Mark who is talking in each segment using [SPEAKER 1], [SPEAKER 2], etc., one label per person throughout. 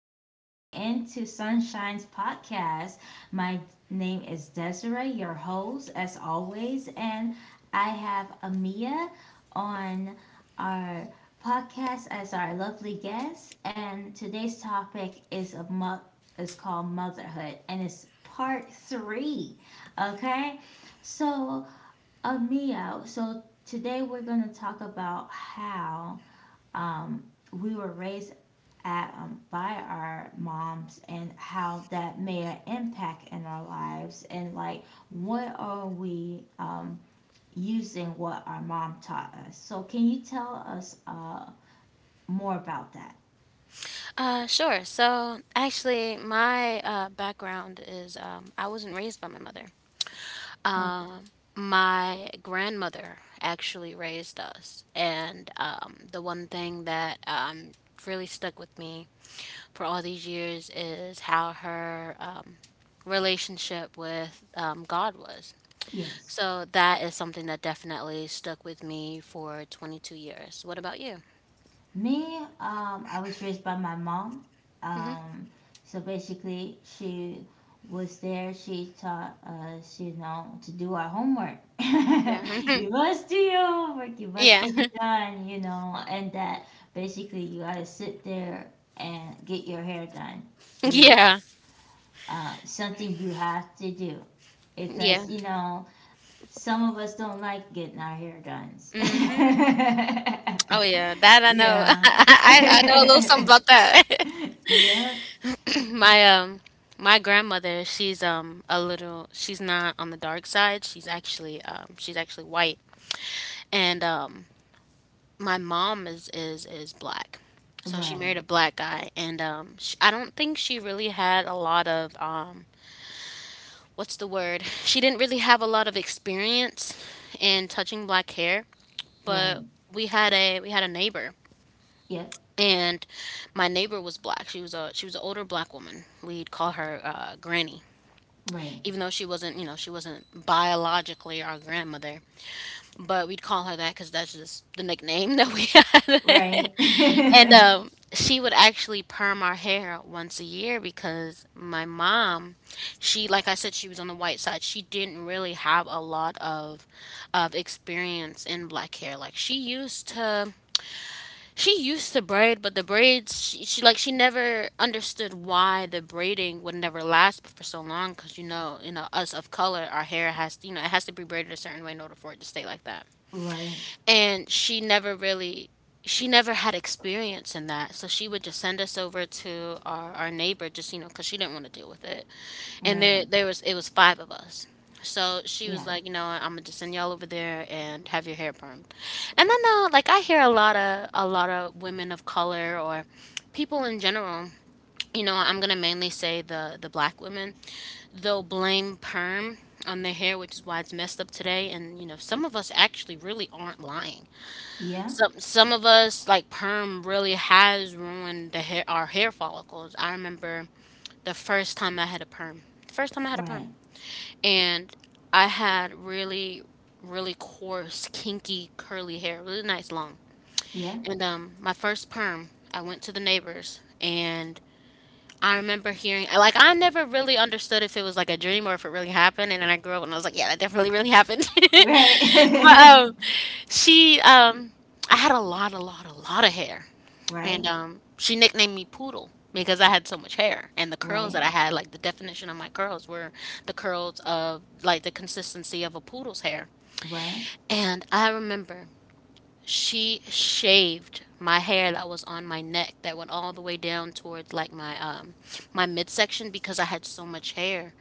[SPEAKER 1] for tuning in to Sunshine's podcast. My name is Desiree, your host, as always, and I have Amia on our podcast as our lovely guest. And today's topic is is called motherhood, and it's part three. Okay, so Amia, so today we're gonna talk about how um, we were raised by our moms and how that made an impact in our lives, and like what are we using what our mom taught us. So can you tell us more about that?
[SPEAKER 2] Sure. So actually, my background is I wasn't raised by my mother.
[SPEAKER 1] Oh,
[SPEAKER 2] Um, my grandmother actually raised us, and the one thing that really stuck with me for all these years is how her relationship with God was.
[SPEAKER 1] yes.
[SPEAKER 2] So that is something that definitely stuck with me for 22 years. What about you?
[SPEAKER 1] Me, I was raised by my mom.
[SPEAKER 2] hmm
[SPEAKER 1] Um, so basically, she was there. She taught us, you know, to do our homework.
[SPEAKER 2] Yeah.
[SPEAKER 1] You must do your homework. You must
[SPEAKER 2] Yeah.
[SPEAKER 1] get it done, you know, and that basically you gotta sit there and get your hair done, you know,
[SPEAKER 2] Yeah.
[SPEAKER 1] something you have to do
[SPEAKER 2] Yeah.
[SPEAKER 1] because, you know, some of us don't like getting our hair done.
[SPEAKER 2] Mhm. Oh yeah, that I know.
[SPEAKER 1] Yeah.
[SPEAKER 2] I know a little something about that.
[SPEAKER 1] Yeah.
[SPEAKER 2] My um my grandmother, she's a little, she's not on the dark side. She's actually white. And my mom is black. So she
[SPEAKER 1] Right.
[SPEAKER 2] married a black guy and sh I don't think she really had a lot of what's the word? She didn't really have a lot of experience in touching black hair,
[SPEAKER 1] Right.
[SPEAKER 2] but we had a neighbor
[SPEAKER 1] Yep.
[SPEAKER 2] and my neighbor was black. She was an older black woman. We'd call her Granny,
[SPEAKER 1] Right.
[SPEAKER 2] even though she wasn't, you know, she wasn't biologically our grandmother, but we'd call her that because that's just the nickname that we had.
[SPEAKER 1] Right.
[SPEAKER 2] and She would actually perm our hair once a year because my mom, she like I said, she was on the white side. She didn't really have a lot of experience in black hair. Like she used to braid, but the braids she never understood why the braiding would never last for so long. Cause us of color, our hair has, you know, it has to be braided a certain way in order for it to stay like that,
[SPEAKER 1] Right.
[SPEAKER 2] and she never really, she never had experience in that, so she would just send us over to our neighbor just, you know, because she didn't want to deal with it, and
[SPEAKER 1] Right.
[SPEAKER 2] there was it was five of us. So she
[SPEAKER 1] Yeah.
[SPEAKER 2] was like, you know, I'm gonna just send y'all over there and have your hair permed. And I know, like, I hear a lot of women of color or people in general, you know, I'm gonna mainly say the black women, they'll blame perm on their hair, which is why it's messed up today. And, you know, some of us actually really aren't lying.
[SPEAKER 1] Yeah.
[SPEAKER 2] Some of us, like, perm really has ruined the hair our hair follicles. I remember the first time I had a perm. First time I had a perm.
[SPEAKER 1] Right.
[SPEAKER 2] And I had really, really coarse, kinky, curly hair, really nice long.
[SPEAKER 1] Yeah.
[SPEAKER 2] And my first perm, I went to the neighbors, and I remember hearing, like, I never really understood if it was like a dream or if it really happened, and then I grew up and I was like, yeah, that definitely really happened. But
[SPEAKER 1] Right.
[SPEAKER 2] she I had a lot, a lot, a lot of hair. And
[SPEAKER 1] Right.
[SPEAKER 2] she nicknamed me Poodle because I had so much hair. And the curls
[SPEAKER 1] Right.
[SPEAKER 2] that I had, like, the definition of my curls, were the curls of, like, the consistency of a poodle's hair.
[SPEAKER 1] Right.
[SPEAKER 2] And I remember she shaved my hair that was on my neck that went all the way down towards like my my midsection because I had so much hair.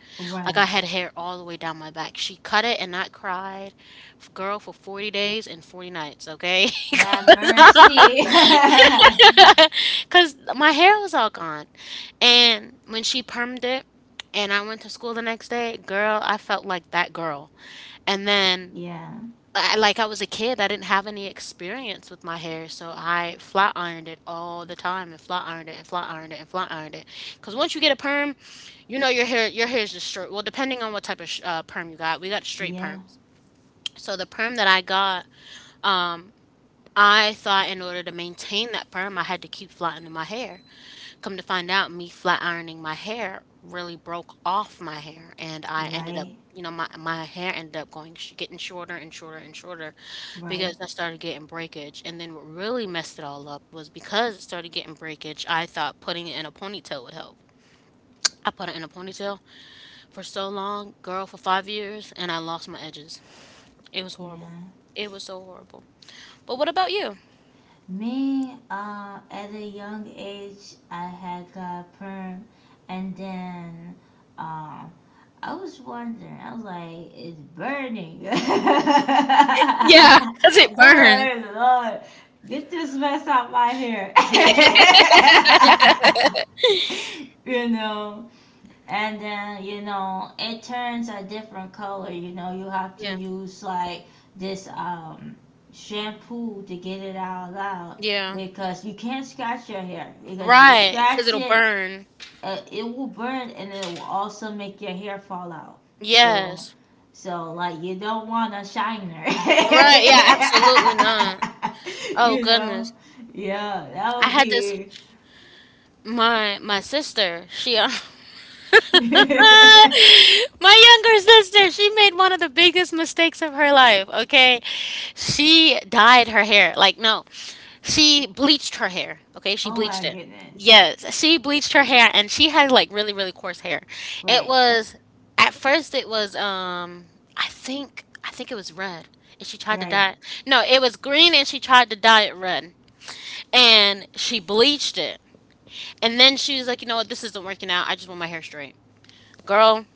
[SPEAKER 2] Like, I
[SPEAKER 1] Right.
[SPEAKER 2] had hair all the way down my back. She cut it and I cried, girl, for 40 days and 40 nights, okay?
[SPEAKER 1] Have mercy.
[SPEAKER 2] Cause my hair was all gone. And when she permed it and I went to school the next day, girl, I felt like that girl. And then
[SPEAKER 1] Yeah.
[SPEAKER 2] I, like, I was a kid, I didn't have any experience with my hair, so I flat ironed it all the time, and flat ironed it, and flat ironed it, and flat ironed it. Cause once you get a perm, you know, your hair is just straight. Well, depending on what type of perm you got, we got straight
[SPEAKER 1] Yeah.
[SPEAKER 2] perms. So the perm that I got, I thought in order to maintain that perm, I had to keep flat ironing my hair. Come to find out, me flat ironing my hair really broke off my hair, and I ended up,
[SPEAKER 1] Right.
[SPEAKER 2] you know, my hair ended up going getting shorter and shorter and shorter
[SPEAKER 1] Right.
[SPEAKER 2] because I started getting breakage. And then what really messed it all up was, because it started getting breakage, I thought putting it in a ponytail would help. I put it in a ponytail for so long, girl, for 5 years, and I lost my edges. It was horrible.
[SPEAKER 1] Yeah.
[SPEAKER 2] It was so horrible. But what about you?
[SPEAKER 1] Me, at a young age, I had got perm, and then um, I was wondering. I was like, it's burning.
[SPEAKER 2] Yeah, because it burns.
[SPEAKER 1] Oh Lord, get this mess out my hair. You know, and then you know it turns a different color. You know, you have to
[SPEAKER 2] Yeah.
[SPEAKER 1] use like this shampoo to get it all out,
[SPEAKER 2] Yeah.
[SPEAKER 1] because you can't scratch your hair, because you
[SPEAKER 2] Right, because 'cause
[SPEAKER 1] scratch
[SPEAKER 2] it'll
[SPEAKER 1] it,
[SPEAKER 2] burn.
[SPEAKER 1] it will burn and it will also make your hair fall out. So,
[SPEAKER 2] Yes.
[SPEAKER 1] so like you don't want a shiner.
[SPEAKER 2] Right, yeah, absolutely not. Oh
[SPEAKER 1] You know,
[SPEAKER 2] goodness.
[SPEAKER 1] yeah, that
[SPEAKER 2] I
[SPEAKER 1] would
[SPEAKER 2] had this,
[SPEAKER 1] be.
[SPEAKER 2] my sister, she my younger sister, she made one of the biggest mistakes of her life, okay? She dyed her hair. Like, no, she bleached her hair, okay? She
[SPEAKER 1] Oh
[SPEAKER 2] bleached
[SPEAKER 1] my
[SPEAKER 2] it.
[SPEAKER 1] goodness.
[SPEAKER 2] Yes, she bleached her hair and she had, like, really, really coarse hair. It
[SPEAKER 1] Right.
[SPEAKER 2] was, at first, it was, I think, it was red. And she tried to
[SPEAKER 1] Right.
[SPEAKER 2] dye it. No, it was green and she tried to dye it red. And she bleached it. And then she was like, you know what, this isn't working out. I just want my hair straight. Girl,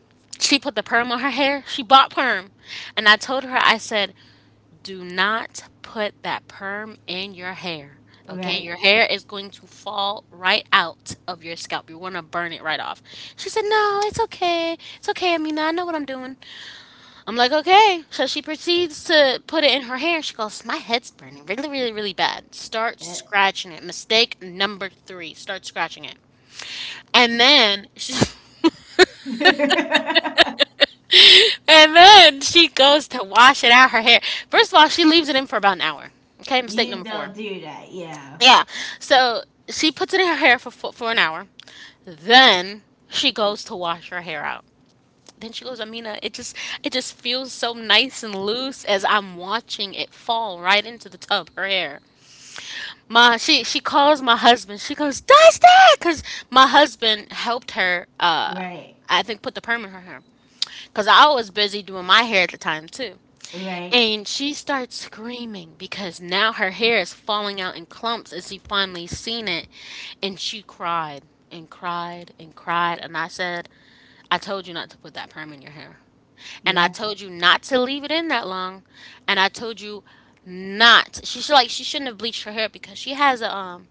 [SPEAKER 2] she put the perm on her hair. She bought perm. And I told her, I said, do not put that perm in your hair. Okay,
[SPEAKER 1] Right.
[SPEAKER 2] your hair is going to fall right out of your scalp. You're gonna burn it right off. She said, no, it's okay. It's okay, Amina. I know what I'm doing. I'm like, okay. So she proceeds to put it in her hair. She goes, my head's burning really, really, really bad. Start
[SPEAKER 1] That
[SPEAKER 2] scratching it. Mistake number three. Start scratching it. And then she and then she goes to wash it out her hair. First of all, she leaves it in for about an hour. Okay, mistake
[SPEAKER 1] You
[SPEAKER 2] number four.
[SPEAKER 1] don't do that. Yeah.
[SPEAKER 2] Yeah. So she puts it in her hair for for an hour. Then she goes to wash her hair out. Then she goes, Amina, it just feels so nice and loose, as I'm watching it fall right into the tub, her hair. My She calls my husband. She goes, Dustin, because my husband helped her
[SPEAKER 1] Right.
[SPEAKER 2] I think put the perm in her hair because I was busy doing my hair at the time too.
[SPEAKER 1] Right.
[SPEAKER 2] And she starts screaming because now her hair is falling out in clumps as she finally seen it. And she cried and cried and cried. And I said, I told you not to put that perm in your hair. And I
[SPEAKER 1] Yeah.
[SPEAKER 2] told you not to leave it in that long. And I told you not she should like she shouldn't have bleached her hair because she has a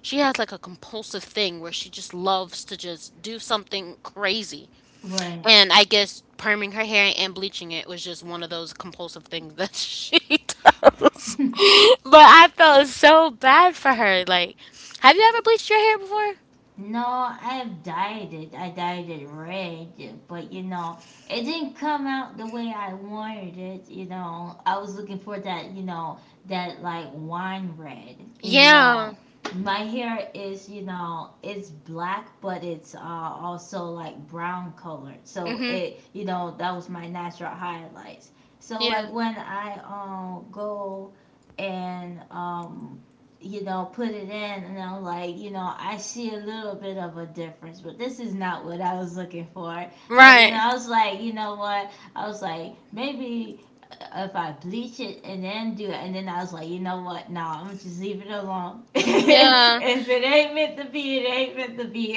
[SPEAKER 2] she has, like, a compulsive thing where she just loves to just do something crazy,
[SPEAKER 1] Right.
[SPEAKER 2] and I guess perming her hair and bleaching it was just one of those compulsive things that she does. But I felt so bad for her. Like, have you ever bleached your hair before?
[SPEAKER 1] No, I have dyed it. I dyed it red, but you know, it didn't come out the way I wanted it. You know, I was looking for that, you know, that like wine red. You
[SPEAKER 2] Yeah.
[SPEAKER 1] know, my hair is, you know, it's black, but it's also like brown colored. So
[SPEAKER 2] Mm-hmm.
[SPEAKER 1] it, you know, that was my natural highlights. So
[SPEAKER 2] Yeah.
[SPEAKER 1] like when I go and you know, put it in, and I'm like, you know, I see a little bit of a difference, but this is not what I was looking for. And then
[SPEAKER 2] Right.
[SPEAKER 1] I was like, you know what? I was like, maybe if I bleach it and then do it. And then I was like, you know what? No, I'm gonna just leave it alone.
[SPEAKER 2] Yeah.
[SPEAKER 1] If it ain't meant to be, it ain't meant to be.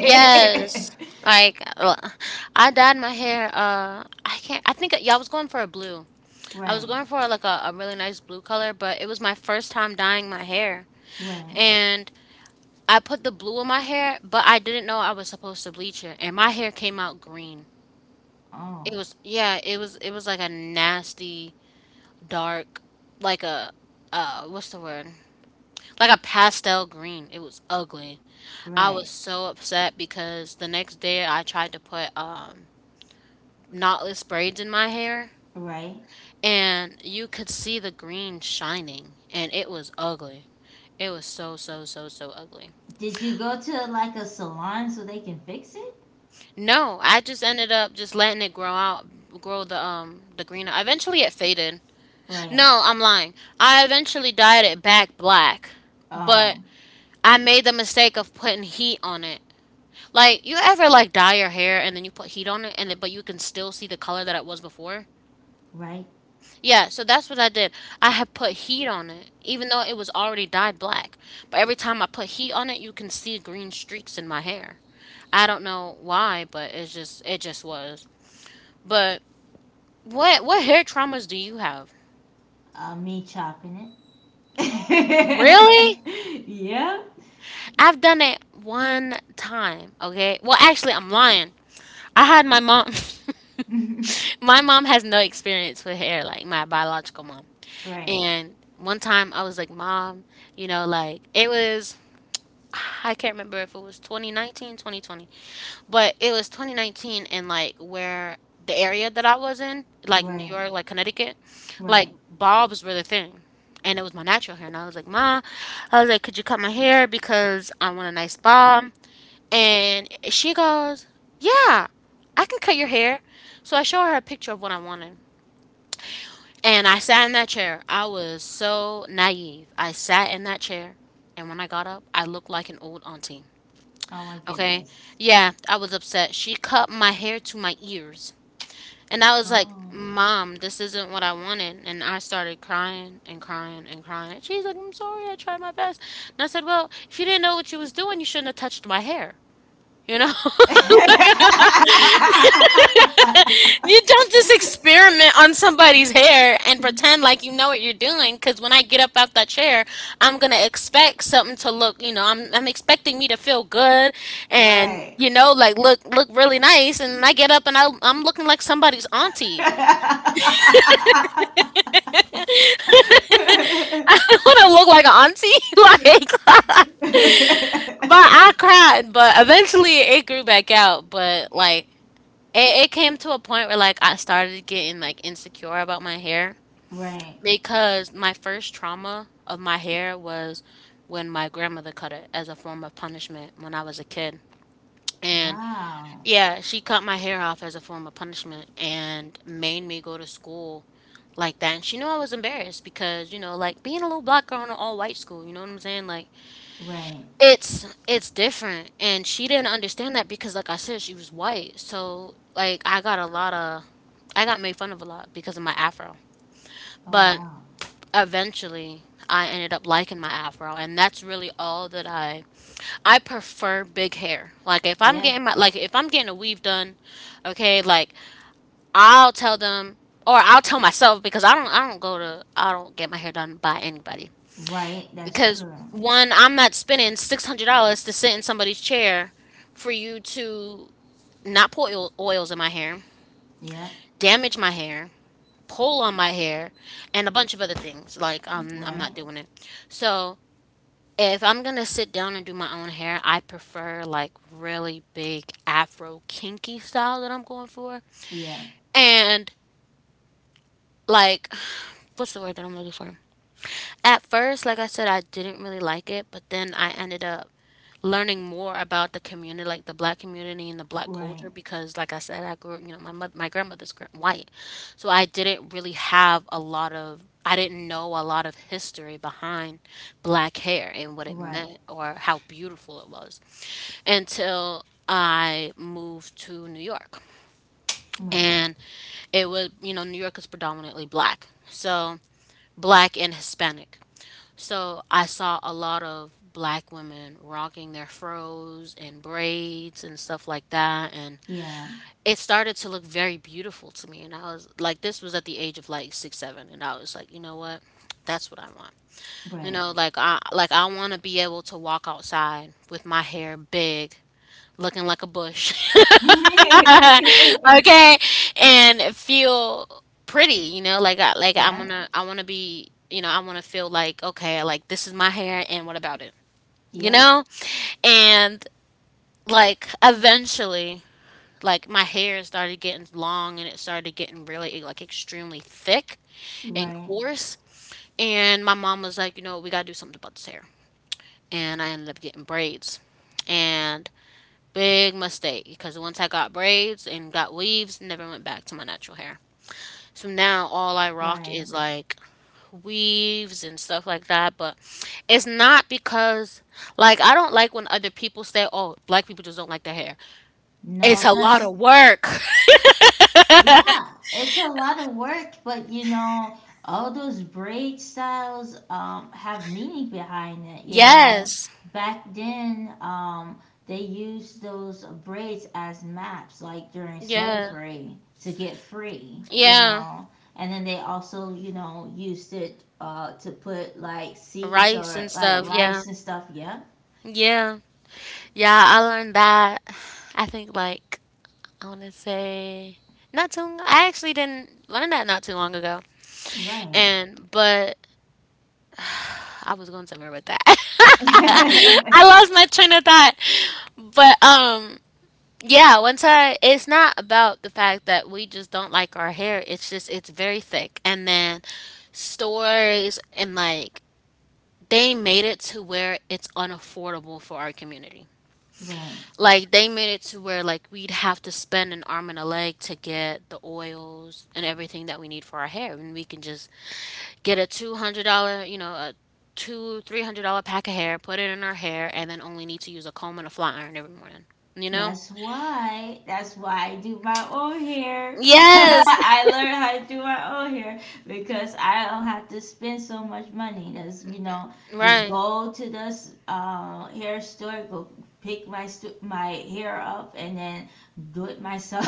[SPEAKER 2] Yes. Like, I dyed my hair. I can't. I think y'all was going for a blue. I was
[SPEAKER 1] Right,
[SPEAKER 2] going for like a really nice blue color, but it was my first time dyeing my hair,
[SPEAKER 1] right.
[SPEAKER 2] and I put the blue in my hair, but I didn't know I was supposed to bleach it, and my hair came out green. It
[SPEAKER 1] Oh,
[SPEAKER 2] was, yeah, it was, it was like a nasty dark, like a what's the word? Like a pastel green. It was ugly. I
[SPEAKER 1] right,
[SPEAKER 2] was so upset because the next day I tried to put knotless braids in my hair,
[SPEAKER 1] right.
[SPEAKER 2] and you could see the green shining, and it was ugly. It was so so so so ugly.
[SPEAKER 1] Did you go to like a salon so they can fix it?
[SPEAKER 2] No, I just ended up just letting it grow out, grow the green. Eventually, it faded.
[SPEAKER 1] Right.
[SPEAKER 2] No, I'm lying. I eventually dyed it back black, but
[SPEAKER 1] Um.
[SPEAKER 2] I made the mistake of putting heat on it. Like, you ever like dye your hair and then you put heat on it, and then, but you can still see the color that it was before.
[SPEAKER 1] Right.
[SPEAKER 2] Yeah, so that's what I did. I had put heat on it, even though it was already dyed black. But every time I put heat on it, you can see green streaks in my hair. I don't know why, but it just was. But what hair traumas do you have?
[SPEAKER 1] Me chopping it.
[SPEAKER 2] Really?
[SPEAKER 1] Yeah.
[SPEAKER 2] I've done it one time, okay? Well, actually, I'm lying. I had my mom. My mom has no experience with hair, like my biological mom.
[SPEAKER 1] Right.
[SPEAKER 2] And one time I was like, Mom, you know, like it was, I can't remember if it was 2019, but it was 2019 and like where the area that I was in, like New
[SPEAKER 1] Right.
[SPEAKER 2] York, like Connecticut, like
[SPEAKER 1] Right.
[SPEAKER 2] bobs were the thing. And it was my natural hair. And I was like, Ma, I was like, could you cut my hair because I want a nice bob? And she goes, yeah, I can cut your hair. So I show her a picture of what I wanted. And I sat in that chair. I was so naive. I sat in that chair. And when I got up, I looked like an old auntie.
[SPEAKER 1] Oh my
[SPEAKER 2] Okay.
[SPEAKER 1] goodness.
[SPEAKER 2] Yeah, I was upset. She cut my hair to my ears. And I was like,
[SPEAKER 1] Oh.
[SPEAKER 2] Mom, this isn't what I wanted. And I started crying and crying and crying. She's like, I'm sorry. I tried my best. And I said, well, if you didn't know what you was doing, you shouldn't have touched my hair. You know? You don't just experiment on somebody's hair and pretend like you know what you're doing. Because when I get up out that chair, I'm gonna expect something to look. You know, I'm expecting me to feel good and
[SPEAKER 1] Right.
[SPEAKER 2] you know, like look really nice. And I get up and I'm looking like somebody's auntie. I want to look like an auntie, like. But I cried, but eventually it grew back out. But like it came to a point where like I started getting like insecure about my hair.
[SPEAKER 1] Right.
[SPEAKER 2] Because my first trauma of my hair was when my grandmother cut it as a form of punishment when I was a kid. And
[SPEAKER 1] Wow.
[SPEAKER 2] yeah, she cut my hair off as a form of punishment and made me go to school like that. And she knew I was embarrassed because, you know, like being a little black girl in an all white school, you know what I'm saying? Like
[SPEAKER 1] Right.
[SPEAKER 2] it's different. And she didn't understand that because like I said, she was white. So like I got made fun of a lot because of my afro.
[SPEAKER 1] Oh
[SPEAKER 2] But
[SPEAKER 1] wow.
[SPEAKER 2] eventually I ended up liking my afro and that's really all that I prefer big hair. Like if I'm
[SPEAKER 1] Yeah.
[SPEAKER 2] getting my like if I'm getting a weave done, okay, like I'll tell them or I'll tell myself because I don't get my hair done by anybody.
[SPEAKER 1] Right. That's
[SPEAKER 2] Because
[SPEAKER 1] true.
[SPEAKER 2] one, I'm not spending $600 to sit in somebody's chair for you to not put oils in my hair,
[SPEAKER 1] Yeah.
[SPEAKER 2] damage my hair, pull on my hair, and a bunch of other things. Like I'm not
[SPEAKER 1] Right.
[SPEAKER 2] doing it. So if I'm gonna sit down and do my own hair, I prefer like really big afro kinky style that I'm going for.
[SPEAKER 1] Yeah.
[SPEAKER 2] And like what's the word that I'm looking for? At first, like I said, I didn't really like it, but then I ended up learning more about the community, like the black community and the black
[SPEAKER 1] Right.
[SPEAKER 2] culture, because, like I said, I grew up, you know, my mother, white, so I didn't really have a lot of, I didn't know a lot of history behind black hair and what it
[SPEAKER 1] Right,
[SPEAKER 2] meant or how beautiful it was, until I moved to New York,
[SPEAKER 1] right.
[SPEAKER 2] and it was, you know, New York is predominantly black, so black and Hispanic. So I saw a lot of black women rocking their fros and braids and stuff like that. And
[SPEAKER 1] Yeah,
[SPEAKER 2] it started to look very beautiful to me. And I was like, this was at the age of like six, seven. And I was like, you know what? That's what I want. You
[SPEAKER 1] right.
[SPEAKER 2] know, like I want to be able to walk outside with my hair big, looking like a bush. Okay? And feel pretty, you know, like
[SPEAKER 1] Yeah,
[SPEAKER 2] I wanna be you know, I wanna feel like, okay, like this is my hair and what about it? You
[SPEAKER 1] yeah,
[SPEAKER 2] know? And like eventually, like my hair started getting long and it started getting really like extremely thick and
[SPEAKER 1] right,
[SPEAKER 2] coarse. And my mom was like, you know, we gotta do something about this hair. And I ended up getting braids. And big mistake because once I got braids and got weaves, never went back to my natural hair. So now all I rock
[SPEAKER 1] right.
[SPEAKER 2] is like weaves and stuff like that. But it's not because like I don't like when other people say, "Oh, black people just don't like their hair." It's
[SPEAKER 1] No,
[SPEAKER 2] a lot
[SPEAKER 1] that's.
[SPEAKER 2] of work.
[SPEAKER 1] Yeah, it's a lot of work, but you know, all those braid styles have meaning behind it, you know.
[SPEAKER 2] Yes.
[SPEAKER 1] Back then, they used those braids as maps like during
[SPEAKER 2] Yeah.
[SPEAKER 1] slavery to get free, you
[SPEAKER 2] Yeah.
[SPEAKER 1] know. And then they also, you know, used it to put like seeds or
[SPEAKER 2] Rice and
[SPEAKER 1] like
[SPEAKER 2] stuff. Yeah.
[SPEAKER 1] rice and stuff, yeah.
[SPEAKER 2] Yeah. Yeah, I learned that. I think like I want to say not too long. I actually didn't learn that not too long ago.
[SPEAKER 1] Right.
[SPEAKER 2] And but I was going somewhere with that. I lost my train of thought. But yeah, once I it's not about the fact that we just don't like our hair. It's just it's very thick. And then stores and like they made it to where it's unaffordable for our community.
[SPEAKER 1] Right.
[SPEAKER 2] Like they made it to where like we'd have to spend an arm and a leg to get the oils and everything that we need for our hair, and we can just get a $200, you know, a two three hundred dollar pack of hair, put it in our hair, and then only need to use a comb and a flat iron every morning. You know?
[SPEAKER 1] That's why. That's why I do my own hair.
[SPEAKER 2] Yes.
[SPEAKER 1] I learned how to do my own hair because I don't have to spend so much money. That's you know, just
[SPEAKER 2] Right.
[SPEAKER 1] go to this hair store, go pick my hair up, and then do it myself.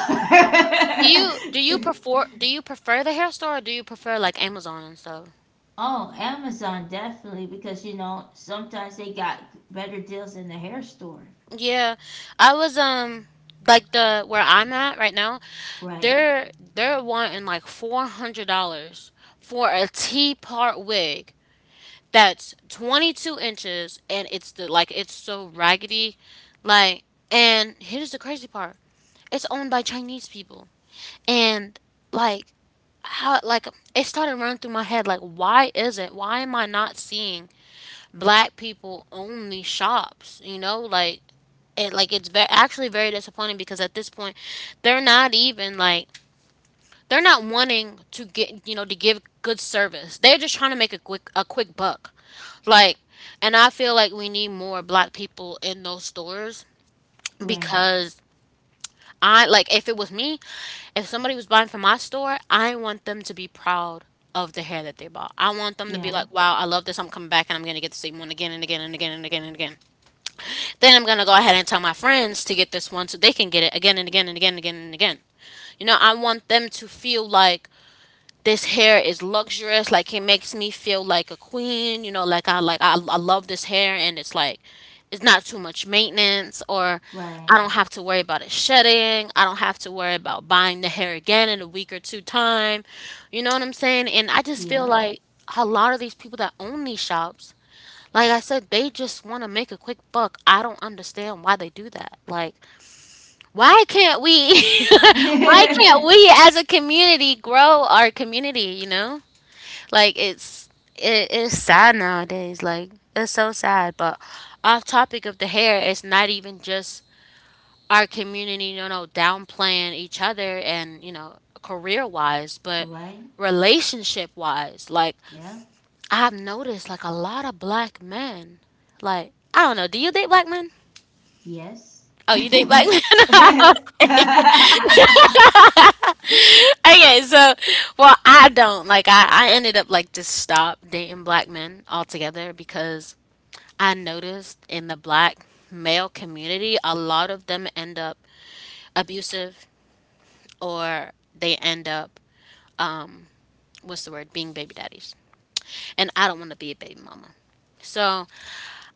[SPEAKER 2] Do you do you prefer do you prefer the hair store or do you prefer like Amazon and stuff?
[SPEAKER 1] Oh, Amazon definitely, because you know sometimes they got better deals in the hair store.
[SPEAKER 2] Yeah, I was like the where I'm at right now,
[SPEAKER 1] Right.
[SPEAKER 2] they're wanting like $400 for a T part wig that's 22 inches and it's the like it's so raggedy, like and here's the crazy part, it's owned by Chinese people and like how like it started running through my head like why is it why am I not seeing black people own these shops, you know, like it's very actually very disappointing because at this point they're not even like they're not wanting to get you know to give good service. They're just trying to make a quick buck. Like and I feel like we need more black people in those stores
[SPEAKER 1] Right.
[SPEAKER 2] because I like if it was me, if somebody was buying from my store, I want them to be proud of the hair that they bought. I want them to be
[SPEAKER 1] Yeah.
[SPEAKER 2] like, "Wow, I love this. I'm coming back and I'm going to get the same one again and again and again and again and again." Then I'm gonna go ahead and tell my friends to get this one so they can get it again and again and again and again and again. You know, I want them to feel like this hair is luxurious, like it makes me feel like a queen, you know, like I love this hair and it's like it's not too much maintenance or
[SPEAKER 1] Right.
[SPEAKER 2] I don't have to worry about it shedding. I don't have to worry about buying the hair again in a week or two time. You know what I'm saying? And I just feel
[SPEAKER 1] Yeah.
[SPEAKER 2] like a lot of these people that own these shops like I said, they just want to make a quick buck. I don't understand why they do that. Like, why can't we, why can't we as a community grow our community, you know? Like, it's, it is sad nowadays. Like, it's so sad. But off topic of the hair, it's not even just our community, you know, downplaying each other and, you know, career wise, but
[SPEAKER 1] Right?
[SPEAKER 2] relationship wise. Like,
[SPEAKER 1] Yeah.
[SPEAKER 2] I've noticed like a lot of black men. Like, I don't know. Do you date black men?
[SPEAKER 1] Yes.
[SPEAKER 2] Oh, you date black
[SPEAKER 1] Yes.
[SPEAKER 2] men? Okay, so, well, I don't. Like, I ended up like just stop dating black men altogether because I noticed in the black male community, a lot of them end up abusive or they end up, um, what's the word, being baby daddies. And I don't want to be a baby mama. So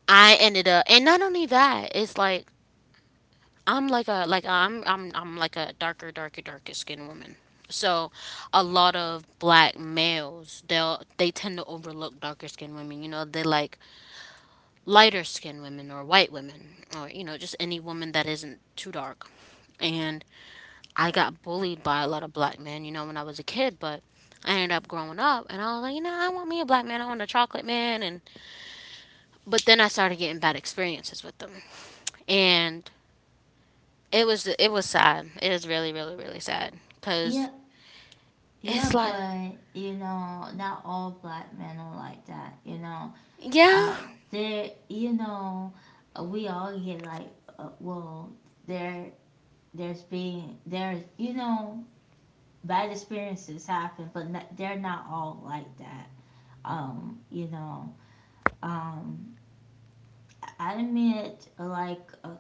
[SPEAKER 2] I ended up, and not only that, it's like I'm like a darker darker darker skinned woman. So a lot of black males they tend to overlook darker skinned women. You know, they like lighter skinned women or white women or you know just any woman that isn't too dark. And I got bullied by a lot of black men, you know, when I was a kid, but I ended up growing up and I was like, you know, I want me a black man, I want a chocolate man and but then I started getting bad experiences with them. And It was sad. It is really, really, really sad because
[SPEAKER 1] Yeah.
[SPEAKER 2] it's
[SPEAKER 1] Yeah,
[SPEAKER 2] like,
[SPEAKER 1] but you know, not all black men are like that. You know,
[SPEAKER 2] yeah,
[SPEAKER 1] uh, there. You know, we all get like, uh, well, there, there's you know bad experiences happen, but not, they're not all like that. You know, um, I met like a,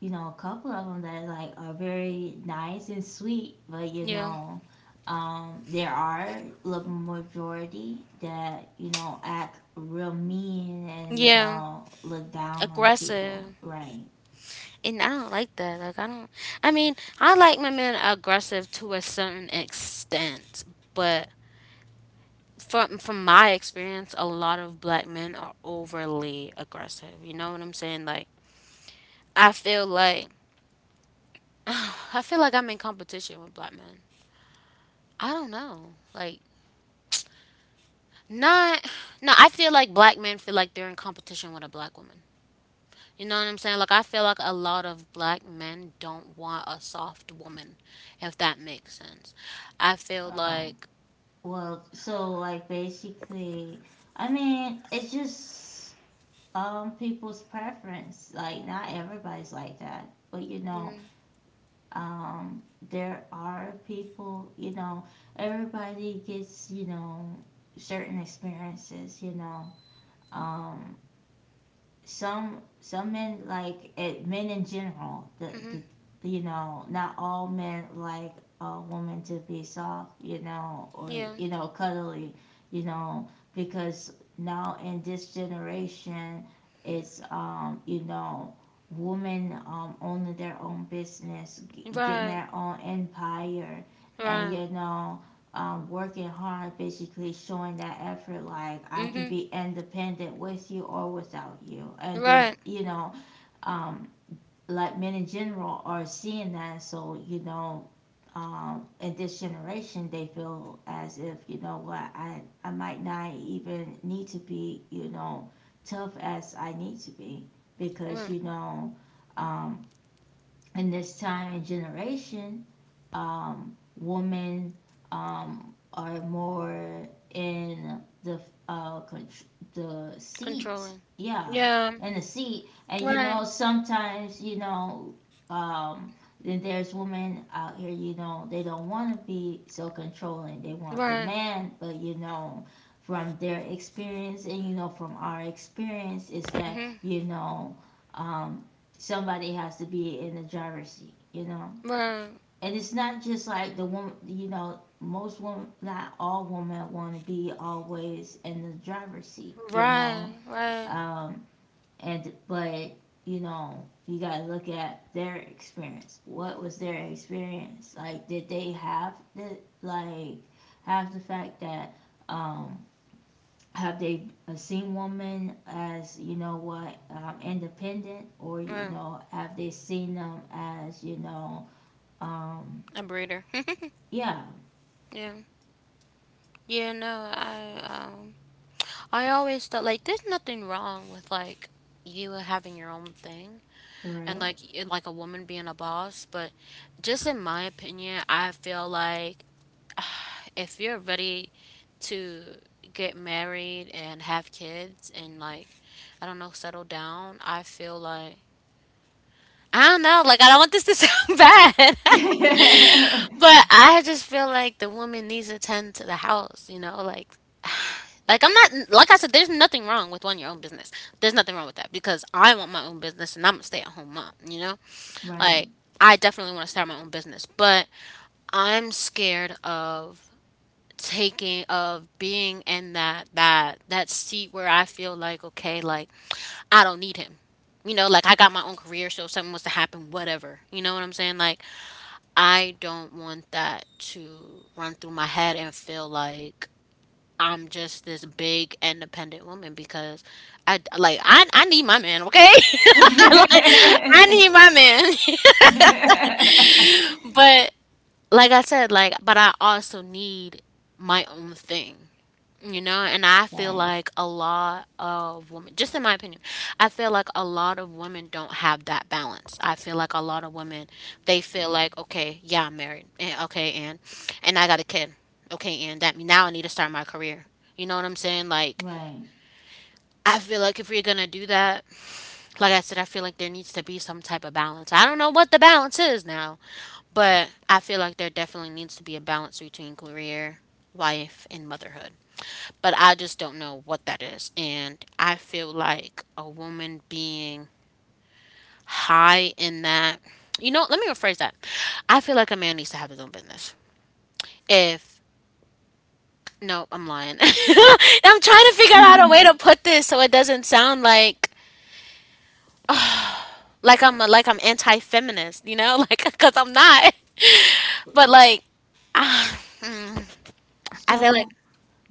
[SPEAKER 1] you know, a couple of them that like are very nice and sweet, but you
[SPEAKER 2] yeah,
[SPEAKER 1] know, there are the majority that you know act real mean and you
[SPEAKER 2] yeah,
[SPEAKER 1] know look down on people,
[SPEAKER 2] aggressive.
[SPEAKER 1] right?
[SPEAKER 2] And I don't like that. Like, I don't. I mean, I like my men aggressive to a certain extent, but from my experience, a lot of black men are overly aggressive. You know what I'm saying? Like I feel like I feel like I'm in competition with black men. I don't know. Like, not no, I feel like black men feel like they're in competition with a black woman. You know what I'm saying? Like I feel like a lot of black men don't want a soft woman, if that makes sense. I feel
[SPEAKER 1] Um,
[SPEAKER 2] like,
[SPEAKER 1] well, so like basically, I mean, it's just people's preference. Like not everybody's like that, but you know, um, there are people, you know, everybody gets, you know, certain experiences, you know. Um, some men like it, men in general. The,
[SPEAKER 2] hmm,
[SPEAKER 1] the you know not all men like a woman to be soft. You know, or
[SPEAKER 2] yeah,
[SPEAKER 1] you know cuddly. You know, because now in this generation it's you know women owning their own business, getting
[SPEAKER 2] right,
[SPEAKER 1] their own empire, and
[SPEAKER 2] right,
[SPEAKER 1] you know working hard, basically showing that effort, like I can
[SPEAKER 2] hmm,
[SPEAKER 1] be independent with you or without you. And then,
[SPEAKER 2] right,
[SPEAKER 1] you know, um, like men in general are seeing that. So, you know, in this generation, they feel as if, you know what, I might not even need to be, you know, tough as I need to be because,
[SPEAKER 2] right,
[SPEAKER 1] you know, um, in this time and generation, women are more in the uh, con- the seat,
[SPEAKER 2] controlling,
[SPEAKER 1] yeah,
[SPEAKER 2] yeah,
[SPEAKER 1] in the seat, and you
[SPEAKER 2] right,
[SPEAKER 1] know sometimes you know um, then there's women out here you know they don't want to be so controlling, they want the
[SPEAKER 2] right,
[SPEAKER 1] man, but you know from their experience and you know from our experience is that
[SPEAKER 2] hmm,
[SPEAKER 1] you know um, somebody has to be in the driver's seat, you know,
[SPEAKER 2] right,
[SPEAKER 1] and it's not just like the woman, you know most women, not all women, want to be always in the driver's seat, you know,
[SPEAKER 2] right, right,
[SPEAKER 1] um and but you know you got to look at their experience. What was their experience like? Did they have the like have the fact that um have they seen women as you know what independent, or you
[SPEAKER 2] right.
[SPEAKER 1] know have they seen them as you know um
[SPEAKER 2] A breeder,
[SPEAKER 1] yeah.
[SPEAKER 2] yeah, yeah. No, I always thought like there's nothing wrong with like you having your own thing. And
[SPEAKER 1] Right.
[SPEAKER 2] like a woman being a boss, but just in my opinion I feel like if you're ready to get married and have kids and like, I don't know, settle down. I feel like, I don't know, like I don't want this to sound bad but I just feel like the woman needs to tend to the house, you know? Like, I'm not, like I said, there's nothing wrong with wanting your own business. There's nothing wrong with that because I want my own business and I'm a stay-at-home mom, you know?
[SPEAKER 1] Right.
[SPEAKER 2] Like, I definitely want to start my own business, but I'm scared of taking of being in that seat where I feel like, okay, like I don't need him. You know, like I got my own career, so if something was to happen, whatever. You know what I'm saying? Like, I don't want that to run through my head and feel like I'm just this big independent woman, because I like I need my man, okay? Like, I need my man. But like I said, like, but I also need my own thing, you know? And I feel
[SPEAKER 1] Right.
[SPEAKER 2] like a lot of women, just in my opinion, I feel like a lot of women don't have that balance. I feel like a lot of women, they feel like, okay, yeah, I'm married. And okay, and I got a kid. Okay, and that now I need to start my career. You know what I'm saying? Like,
[SPEAKER 1] Right.
[SPEAKER 2] I feel like if we're gonna do that, like I said, I feel like there needs to be some type of balance. I don't know what the balance is now, but I feel like there definitely needs to be a balance between career, life, and motherhood. But I just don't know what that is. And I feel like a woman being high in that, you know, let me rephrase that. I feel like a man needs to have his own business. If, no, I'm lying. I'm trying to figure out a way to put this so it doesn't sound like like I'm anti-feminist, you know? Like, 'cuz I'm not. But like I feel like,
[SPEAKER 1] So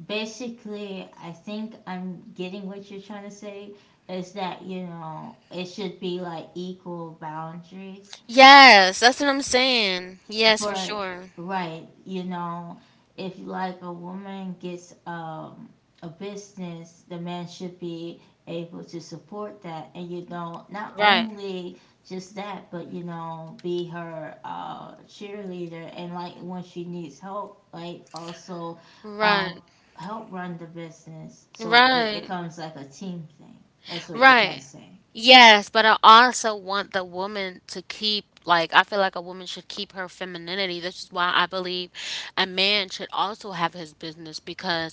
[SPEAKER 1] basically, I think I'm getting what you're trying to say is that, you know, it should be like equal boundaries.
[SPEAKER 2] yes, that's what I'm saying. Yes, for
[SPEAKER 1] But
[SPEAKER 2] sure.
[SPEAKER 1] right, you know, if like a woman gets a business, the man should be able to support that and you know, not
[SPEAKER 2] Right.
[SPEAKER 1] only just that, but you know, be her cheerleader, and like when she needs help, like also um
[SPEAKER 2] Right.
[SPEAKER 1] help run the business so it
[SPEAKER 2] Right.
[SPEAKER 1] becomes like a team thing. That's what you're trying to
[SPEAKER 2] Right.
[SPEAKER 1] say.
[SPEAKER 2] Yes, but I also want the woman to keep, like, I feel like a woman should keep her femininity. This is why I believe a man should also have his business because,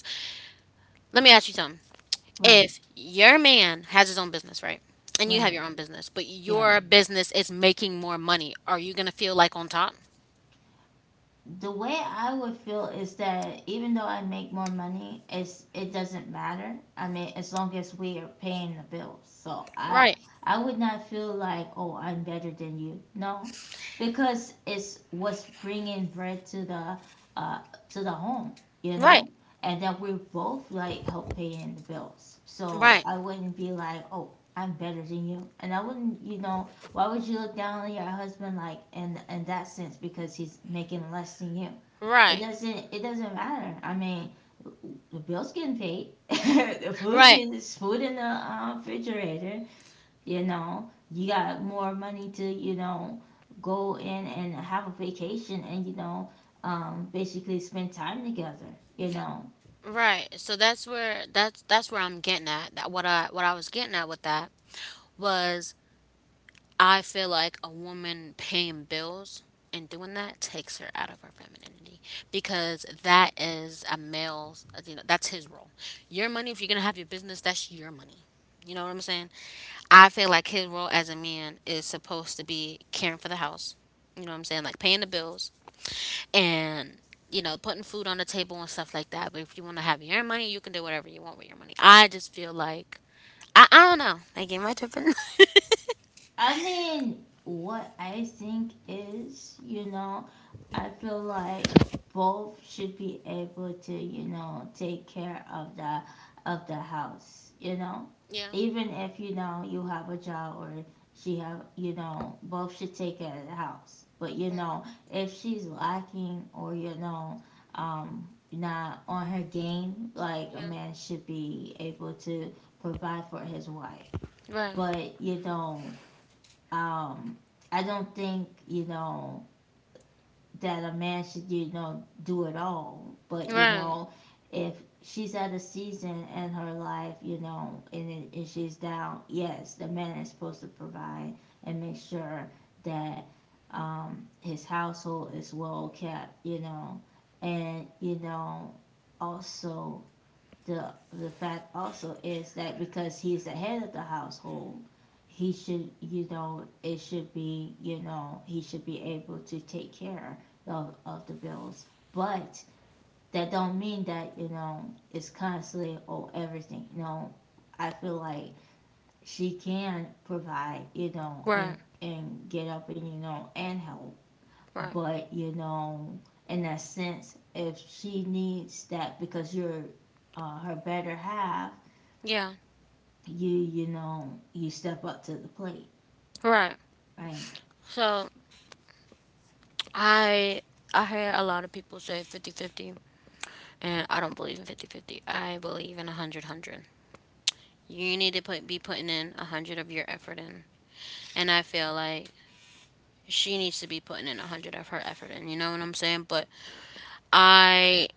[SPEAKER 2] let me ask you something.
[SPEAKER 1] Right,
[SPEAKER 2] If your man has his own business, right? And you have
[SPEAKER 1] right.
[SPEAKER 2] your own business, but
[SPEAKER 1] Yeah.
[SPEAKER 2] your business is making more money, are you going to feel like on top?
[SPEAKER 1] The way I would feel is that even though I make more money, it doesn't matter. I mean, as long as we are paying the bills. So
[SPEAKER 2] Right.
[SPEAKER 1] I would not feel like oh I'm better than you. No, because it's what's bringing bread uh to the home, you
[SPEAKER 2] Right.
[SPEAKER 1] know, and then we both like help paying the bills. So
[SPEAKER 2] Right.
[SPEAKER 1] I wouldn't be like oh I'm better than you, and I wouldn't you know why would you look down on your husband like in that sense because he's making less than you?
[SPEAKER 2] Right.
[SPEAKER 1] It doesn't matter. I mean, the bills getting paid, the food
[SPEAKER 2] Right.
[SPEAKER 1] gets food in the refrigerator. You know, you got more money to you know go in and have a vacation and you know basically spend time together. You know,
[SPEAKER 2] Right. So that's where, that's where I'm getting at. That what I, was getting at with that was, I feel like a woman paying bills and doing that takes her out of her femininity because that is a male's, you know, that's his role. Your money, if you're going to have your business, that's your money. You know what I'm saying? I feel like his role as a man is supposed to be caring for the house. You know what I'm saying? Like, paying the bills and, you know, putting food on the table and stuff like that. But if you want to have your money, you can do whatever you want with your money. I just feel like, I don't know, like am I tripping?
[SPEAKER 1] I mean, what I think is, you know, I feel like both should be able to, you know, take care of the house, you know.
[SPEAKER 2] Yeah,
[SPEAKER 1] Even if you know you have a job, or she have, you know, both should take care of the house. But you know, if she's lacking, or you know, not on her game, like a
[SPEAKER 2] yeah,
[SPEAKER 1] man should be able to provide for his wife.
[SPEAKER 2] right,
[SPEAKER 1] But you know, um, I don't think, you know, that a man should, you know, do it all. But, you
[SPEAKER 2] right,
[SPEAKER 1] know, if she's at a season in her life, you know, and she's down, yes, the man is supposed to provide and make sure that his household is well kept, you know, and, you know, also the the fact also is that because he's the head of the household, he should you know it should be you know he should be able to take care of the bills, but that don't mean that you know it's constantly oh everything. You know, I feel like she can provide, you know,
[SPEAKER 2] right,
[SPEAKER 1] and get up and, you know, and help,
[SPEAKER 2] right,
[SPEAKER 1] but, you know, in that sense if she needs that because you're her better half,
[SPEAKER 2] yeah,
[SPEAKER 1] you know you step up to the plate.
[SPEAKER 2] right.
[SPEAKER 1] Right,
[SPEAKER 2] So i I hear a lot of people say 50 50, and I don't believe in 50 50. I believe in a hundred hundred. You need to be putting in 100 of your effort in, and I feel like she needs to be putting in 100 of her effort in, you know what I'm saying? But I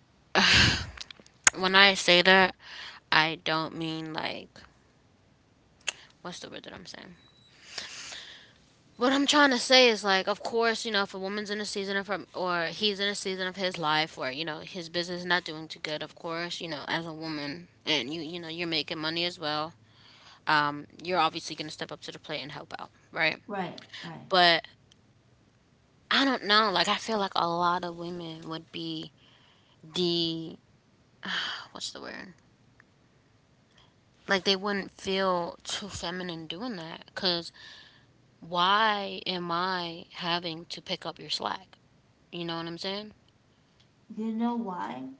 [SPEAKER 2] when I say that, I don't mean like, what's the word that I'm saying? What I'm trying to say is like, of course, you know, if a woman's in a season of her, or he's in a season of his life where, you know, his business is not doing too good, of course, you know, as a woman, and you know you're making money as well, you're obviously gonna step up to the plate and help out, right?
[SPEAKER 1] right, right.
[SPEAKER 2] But I don't know, like I feel like a lot of women would be the, what's the word? Like they wouldn't feel too feminine doing that, 'cause why am I having to pick up your slack? You know what I'm saying?
[SPEAKER 1] You know why?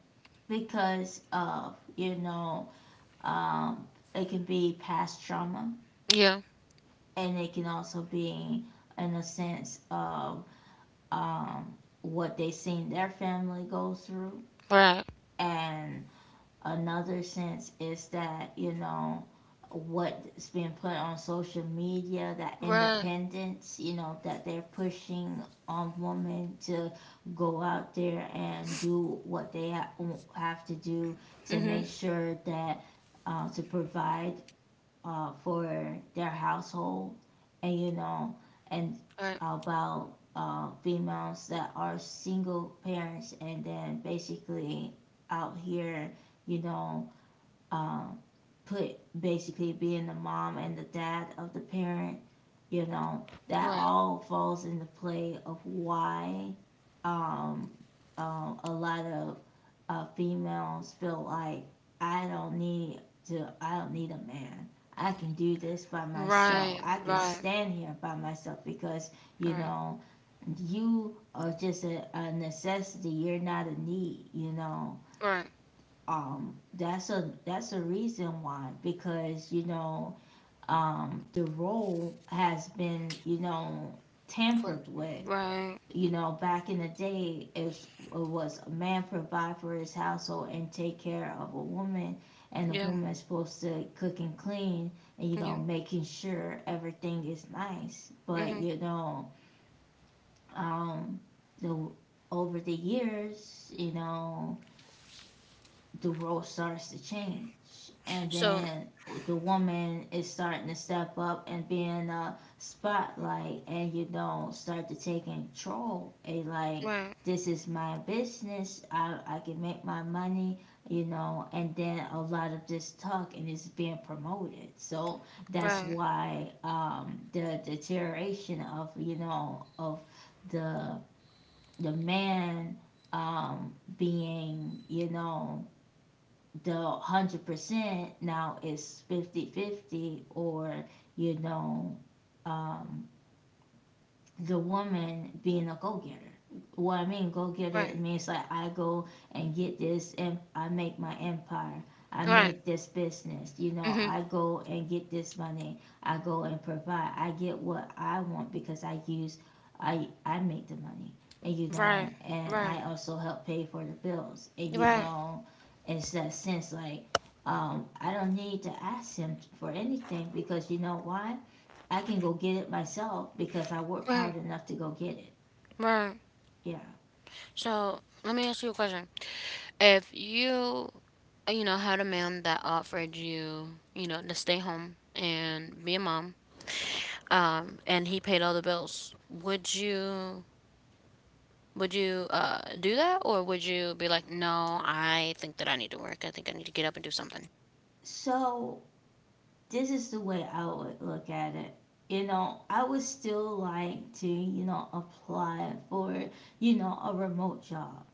[SPEAKER 1] Because of, you know, um it can be past trauma,
[SPEAKER 2] Yeah,
[SPEAKER 1] and it can also be in a sense of, um what they seen their family go through.
[SPEAKER 2] right,
[SPEAKER 1] And another sense is that, you know, what's been put on social media, that
[SPEAKER 2] right,
[SPEAKER 1] independence, you know, that they're pushing on women to go out there and do what they have to do to
[SPEAKER 2] mm-hmm,
[SPEAKER 1] make sure that, to provide for their household. And, you know, and
[SPEAKER 2] right,
[SPEAKER 1] about, females that are single parents and then basically out here, you know, uh, put basically being the mom and the dad of the parent, you know, that
[SPEAKER 2] right,
[SPEAKER 1] all falls into play of why, um, a lot of, females feel like, I don't need I don't need a man. I can do this by
[SPEAKER 2] right,
[SPEAKER 1] myself. I can
[SPEAKER 2] right,
[SPEAKER 1] stand here by myself because, you
[SPEAKER 2] right,
[SPEAKER 1] know, you are just a necessity. You're not a need. You know,
[SPEAKER 2] right,
[SPEAKER 1] that's a reason why, because, you know, the role has been, you know,
[SPEAKER 2] fl-
[SPEAKER 1] tampered with.
[SPEAKER 2] right,
[SPEAKER 1] You know, back in the day, it was a man provide for his household and take care of a woman, and the
[SPEAKER 2] yeah,
[SPEAKER 1] woman's supposed to cook and clean, and, you
[SPEAKER 2] yeah,
[SPEAKER 1] know, making sure everything is nice. But,
[SPEAKER 2] mm-hmm.
[SPEAKER 1] you know, um, the over the years, you know, the role starts to change and
[SPEAKER 2] So,
[SPEAKER 1] then the woman is starting to step up and be in the spotlight and you don't start to take control and like,
[SPEAKER 2] right,
[SPEAKER 1] this is my business. I can make my money, you know. And then a lot of this talk and it's being promoted, so that's
[SPEAKER 2] right,
[SPEAKER 1] why, the deterioration of, you know, of the the man, being, you know, the 100% now is 50 50, or, you know, um the woman being a go getter. What I mean, go getter,
[SPEAKER 2] right,
[SPEAKER 1] it means like I go and get this, and I make my empire. I
[SPEAKER 2] right,
[SPEAKER 1] make this business. You know,
[SPEAKER 2] mm-hmm,
[SPEAKER 1] I go and get this money. I go and provide. I get what I want because I use, I make the money, and, you
[SPEAKER 2] right,
[SPEAKER 1] know, and
[SPEAKER 2] right,
[SPEAKER 1] I also help pay for the bills. And, you
[SPEAKER 2] right,
[SPEAKER 1] know, it's that sense like, I don't need to ask him for anything because, you know why? I can go get it myself because I work hard
[SPEAKER 2] right,
[SPEAKER 1] enough to go get it.
[SPEAKER 2] right.
[SPEAKER 1] Yeah.
[SPEAKER 2] So, let me ask you a question. If you, you know, had a man that offered you, you know, to stay home and be a mom, and he paid all the bills. Would you, would you do that, or would you be like, no, I think that I need to work. I think I need to get up and do something.
[SPEAKER 1] So this is the way I would look at it. You know, I would still like to, you know, apply for, you know, a remote job,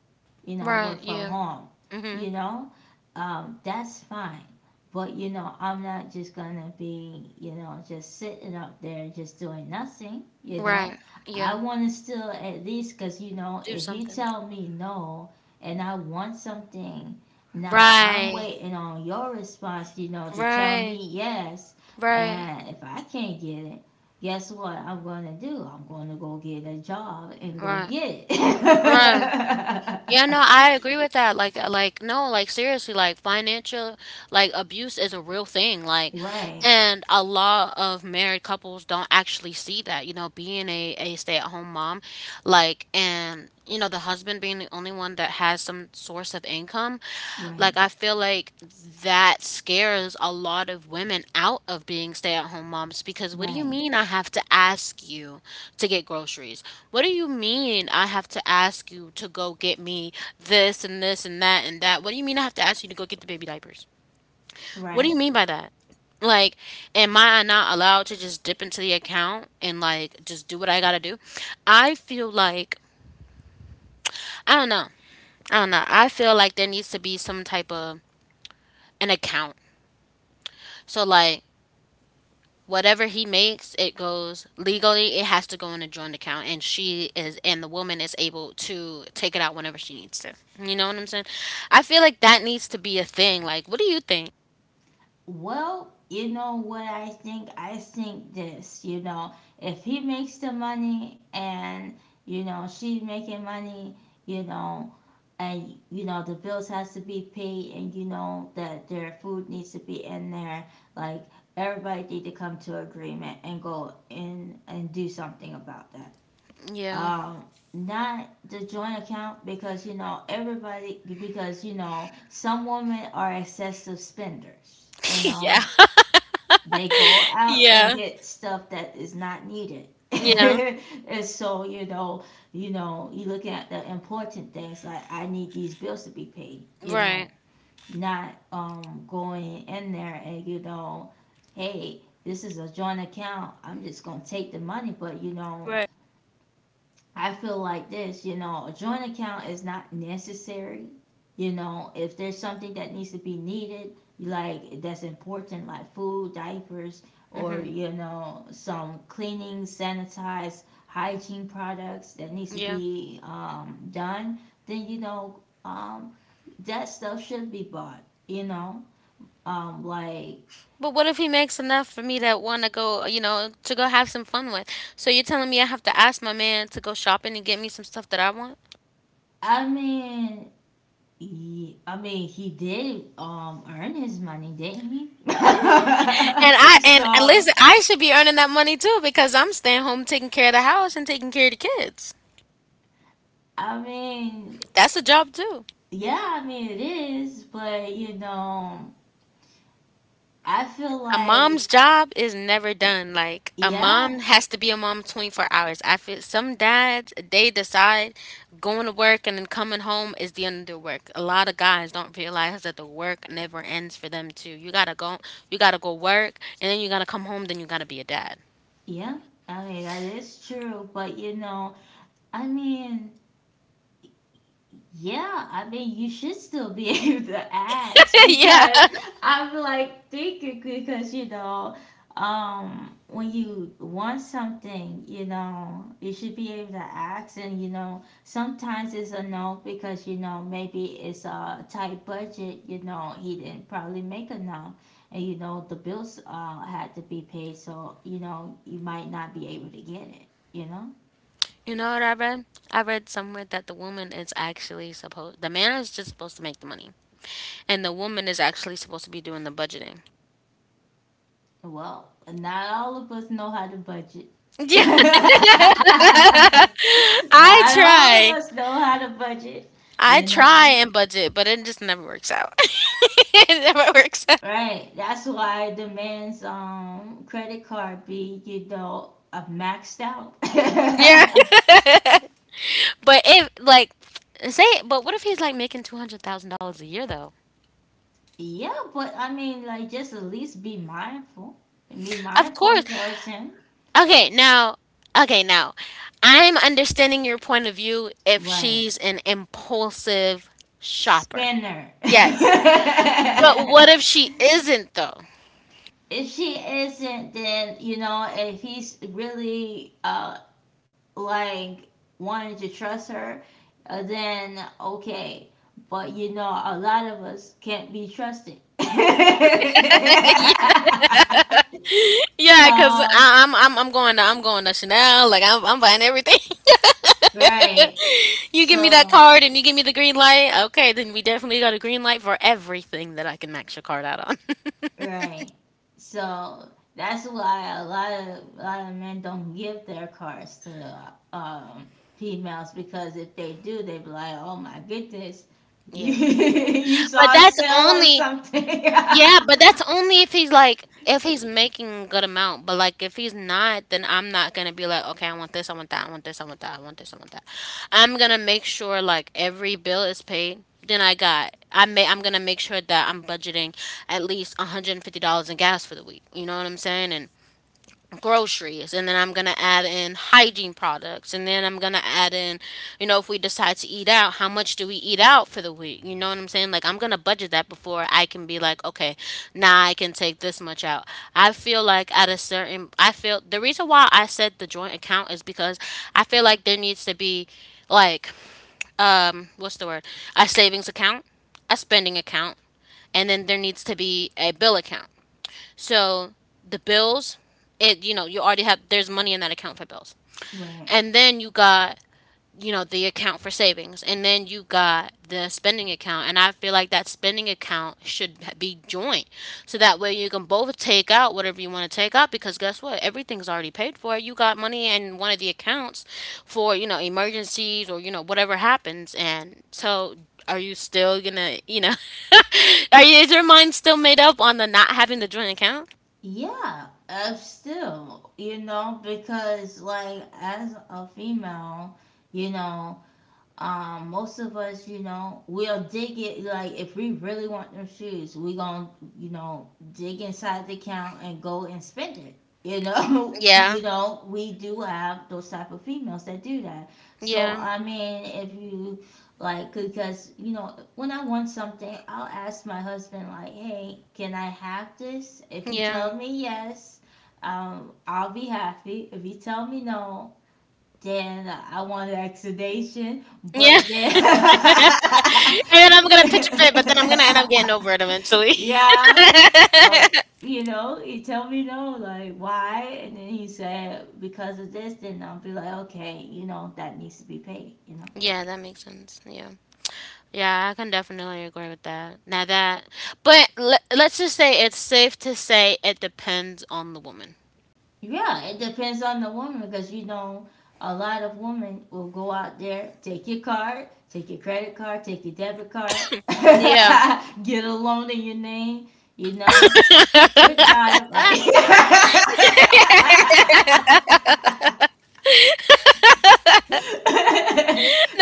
[SPEAKER 1] you know, work
[SPEAKER 2] Right.
[SPEAKER 1] from
[SPEAKER 2] Yeah.
[SPEAKER 1] home,
[SPEAKER 2] Mhm.
[SPEAKER 1] you know, that's fine. But, you know, I'm not just gonna be, you know, just sitting up there just doing nothing, you know.
[SPEAKER 2] Right.
[SPEAKER 1] I
[SPEAKER 2] Yeah.
[SPEAKER 1] wanna still at least, cause, you know,
[SPEAKER 2] Do
[SPEAKER 1] if you
[SPEAKER 2] something.
[SPEAKER 1] tell me no and I want something, now I'm
[SPEAKER 2] Right.
[SPEAKER 1] waiting on your response, you know, to tell
[SPEAKER 2] Right.
[SPEAKER 1] me yes.
[SPEAKER 2] Right.
[SPEAKER 1] And if I can't get it, guess what I'm going to do? I'm going to go get a job and go
[SPEAKER 2] Right.
[SPEAKER 1] get
[SPEAKER 2] Right. Yeah,
[SPEAKER 1] it.
[SPEAKER 2] no, I agree with that. Like no, like seriously, like financial, like abuse is a real thing. Like,
[SPEAKER 1] Right,
[SPEAKER 2] and a lot of married couples don't actually see that. You know, being a stay-at-home mom, like, and you know, the husband being the only one that has some source of income.
[SPEAKER 1] right,
[SPEAKER 2] Like, I feel like that scares a lot of women out of being stay at home moms, because what do you
[SPEAKER 1] right,
[SPEAKER 2] mean I have to ask you to get groceries? What do you mean I have to ask you to go get me this and this and that and that? What do you mean I have to ask you to go get the baby diapers? What do you
[SPEAKER 1] right.
[SPEAKER 2] mean by that? Like, am I not allowed to just dip into the account and like just do what I gotta do? I feel like, I don't know. I feel like there needs to be some type of an account. So, like, whatever he makes, it goes legally. It has to go in a joint account, and she is, and the woman is able to take it out whenever she needs to. You know what I'm saying? I feel like that needs to be a thing. Like, what do you think?
[SPEAKER 1] Well, you know what I think? I think this, you know, if he makes the money and, you know, she's making money, you know, and, you know, the bills has to be paid, and, you know, that their food needs to be in there, like, everybody need to come to agreement and go in and do something about that.
[SPEAKER 2] Yeah,
[SPEAKER 1] um, not the joint account, because, you know, everybody, because, you know, some women are excessive spenders, you know,
[SPEAKER 2] yeah,
[SPEAKER 1] they go out and
[SPEAKER 2] yeah,
[SPEAKER 1] get stuff that is not needed.
[SPEAKER 2] yeah.
[SPEAKER 1] And so, you know, you look at the important things, like, I need these bills to be paid, you know,
[SPEAKER 2] Right.
[SPEAKER 1] not going in there and, you know, hey, this is a joint account, I'm just gonna take the money. But, you know,
[SPEAKER 2] Right.
[SPEAKER 1] I feel like this, you know, a joint account is not necessary. You know, if there's something that needs to be needed, like that's important, like food, diapers, or,
[SPEAKER 2] Hmm.
[SPEAKER 1] you know, some cleaning, sanitized hygiene products that needs to
[SPEAKER 2] Yeah.
[SPEAKER 1] be, done, then, you know, that stuff should be bought. You know, like,
[SPEAKER 2] But what if he makes enough for me to want to go, you know, to go have some fun with? So you're telling me I have to ask my man to go shopping and get me some stuff that I want?
[SPEAKER 1] I mean, I mean, he did earn his money, didn't he?
[SPEAKER 2] Yeah. And I and
[SPEAKER 1] So,
[SPEAKER 2] listen, I should be earning that money too because I'm staying home taking care of the house and taking care of the kids.
[SPEAKER 1] I mean,
[SPEAKER 2] That's a job too.
[SPEAKER 1] yeah, I mean it is, but, you know, I feel
[SPEAKER 2] A
[SPEAKER 1] like,
[SPEAKER 2] mom's job is never
[SPEAKER 1] eh,
[SPEAKER 2] done. Like a
[SPEAKER 1] yeah,
[SPEAKER 2] mom has to be a mom 24 hours. I feel some dads they decide going to work and then coming home is the end of their work. A lot of guys don't realize that the work never ends for them too. You gotta go work, and then you gotta come home, then you gotta be a dad.
[SPEAKER 1] yeah. I mean, that is true, but, you know, I mean, yeah, I mean, you should still be able to ask
[SPEAKER 2] Yeah.
[SPEAKER 1] because I'm like thinking, because, you know, when you want something, you know, you should be able to ask. And, you know, sometimes it's a no because, you know, maybe it's a tight budget. You know, he didn't probably make a no and, you know, the bills had to be paid, so, you know, you might not be able to get it. You know.
[SPEAKER 2] You know what I read? I read somewhere that the woman is actually supposed, the man is just supposed to make the money, and the woman is actually supposed to be doing the budgeting.
[SPEAKER 1] Well, not all of us know how to budget.
[SPEAKER 2] Yeah.
[SPEAKER 1] Not
[SPEAKER 2] I
[SPEAKER 1] all of
[SPEAKER 2] try.
[SPEAKER 1] us know how to budget,
[SPEAKER 2] I
[SPEAKER 1] you
[SPEAKER 2] try
[SPEAKER 1] know.
[SPEAKER 2] and budget, but it just never works out. It never works out.
[SPEAKER 1] Right. That's why it demands credit card be, you know, maxed out.
[SPEAKER 2] Yeah. But if, like, say, but what if he's like making $200,000 a year though?
[SPEAKER 1] Yeah, but I mean like, just at least be mindful. Be
[SPEAKER 2] Of course.
[SPEAKER 1] mindful towards him.
[SPEAKER 2] Okay, now, okay, now, I'm understanding your point of view if
[SPEAKER 1] Right.
[SPEAKER 2] she's an impulsive shopper.
[SPEAKER 1] Spinner.
[SPEAKER 2] Yes, but what
[SPEAKER 1] If
[SPEAKER 2] if she isn't though?
[SPEAKER 1] she isn't, then, you know, if he's really like wanting to trust her, then okay. But, you know, a lot of us can't be trusted.
[SPEAKER 2] Yeah, yeah, because
[SPEAKER 1] So,
[SPEAKER 2] I'm going to Chanel. Like I'm buying everything.
[SPEAKER 1] right.
[SPEAKER 2] You give me that
[SPEAKER 1] So,
[SPEAKER 2] card and you give me the green light. Okay, then we definitely got a green light for everything that I can max your card out on.
[SPEAKER 1] right. So that's why a lot of men don't give their cards to females, because if they do, they be like, "Oh my goodness, you
[SPEAKER 2] Yeah.
[SPEAKER 1] you
[SPEAKER 2] But
[SPEAKER 1] saw a
[SPEAKER 2] that's
[SPEAKER 1] sale on
[SPEAKER 2] only
[SPEAKER 1] something."
[SPEAKER 2] Yeah, but that's only if he's like if he's making a good amount. But like if he's not, then I'm not gonna be like, okay, I want this, I want that, I want this, I want that, I want this, I want that. I'm gonna make sure like every bill is paid. Then I got I may I'm gonna make sure that I'm budgeting at least $150 in gas for the week. You know what I'm saying? And groceries, and then I'm going to add in hygiene products, and then I'm going to add in, you know, if we decide to eat out, how much do we eat out for the week? You know what I'm saying? Like I'm going to budget that before I can be like, okay, now I can take this much out. I feel like at a certain I feel the reason why I said the joint account is because I feel like there needs to be, like, what's the word, a savings account, a spending account, and then there needs to be a bill account. So the bills, it you know, you already have, there's money in that account for bills.
[SPEAKER 1] Right.
[SPEAKER 2] And then you got, you know, the account for savings. And then you got the spending account. And I feel like that spending account should be joint. So that way you can both take out whatever you want to take out, because guess what? Everything's already paid for. You got money in one of the accounts for, you know, emergencies, or, you know, whatever happens. And so, are you still gonna, are you, is your mind still made up on the not having the joint account?
[SPEAKER 1] Yeah, still, you know, because like, as a female, you know, most of us, you know, we'll dig it. Like, if we really want them shoes, we gonna, you know, dig inside the account and go and spend it. You know,
[SPEAKER 2] Yeah,
[SPEAKER 1] you know, we do have those type of females that do that. So
[SPEAKER 2] yeah,
[SPEAKER 1] I mean, if you, like, because you know, when I want something, I'll ask my husband like, "Hey, can I have this?" If he
[SPEAKER 2] yeah,
[SPEAKER 1] tell me yes, I'll be happy. If he tell me no, then I wanted exudation,
[SPEAKER 2] yeah.
[SPEAKER 1] but then,
[SPEAKER 2] And then I'm gonna pitch a fit, but then I'm gonna end up getting over it eventually.
[SPEAKER 1] yeah, oh, you know, he told me no, like why, and then he said because of this. Then I'll be like, okay, you know, that needs to be paid, you know.
[SPEAKER 2] Yeah, that makes sense. Yeah. Yeah, I can definitely agree with that. But let's just say it's safe to say it depends on the woman.
[SPEAKER 1] Yeah, it depends on the woman, because, you know, a lot of women will go out there, take your card, take your credit card, take your debit card,
[SPEAKER 2] Yeah.
[SPEAKER 1] get a loan in your name, you know.
[SPEAKER 2] No,
[SPEAKER 1] Good God Almighty.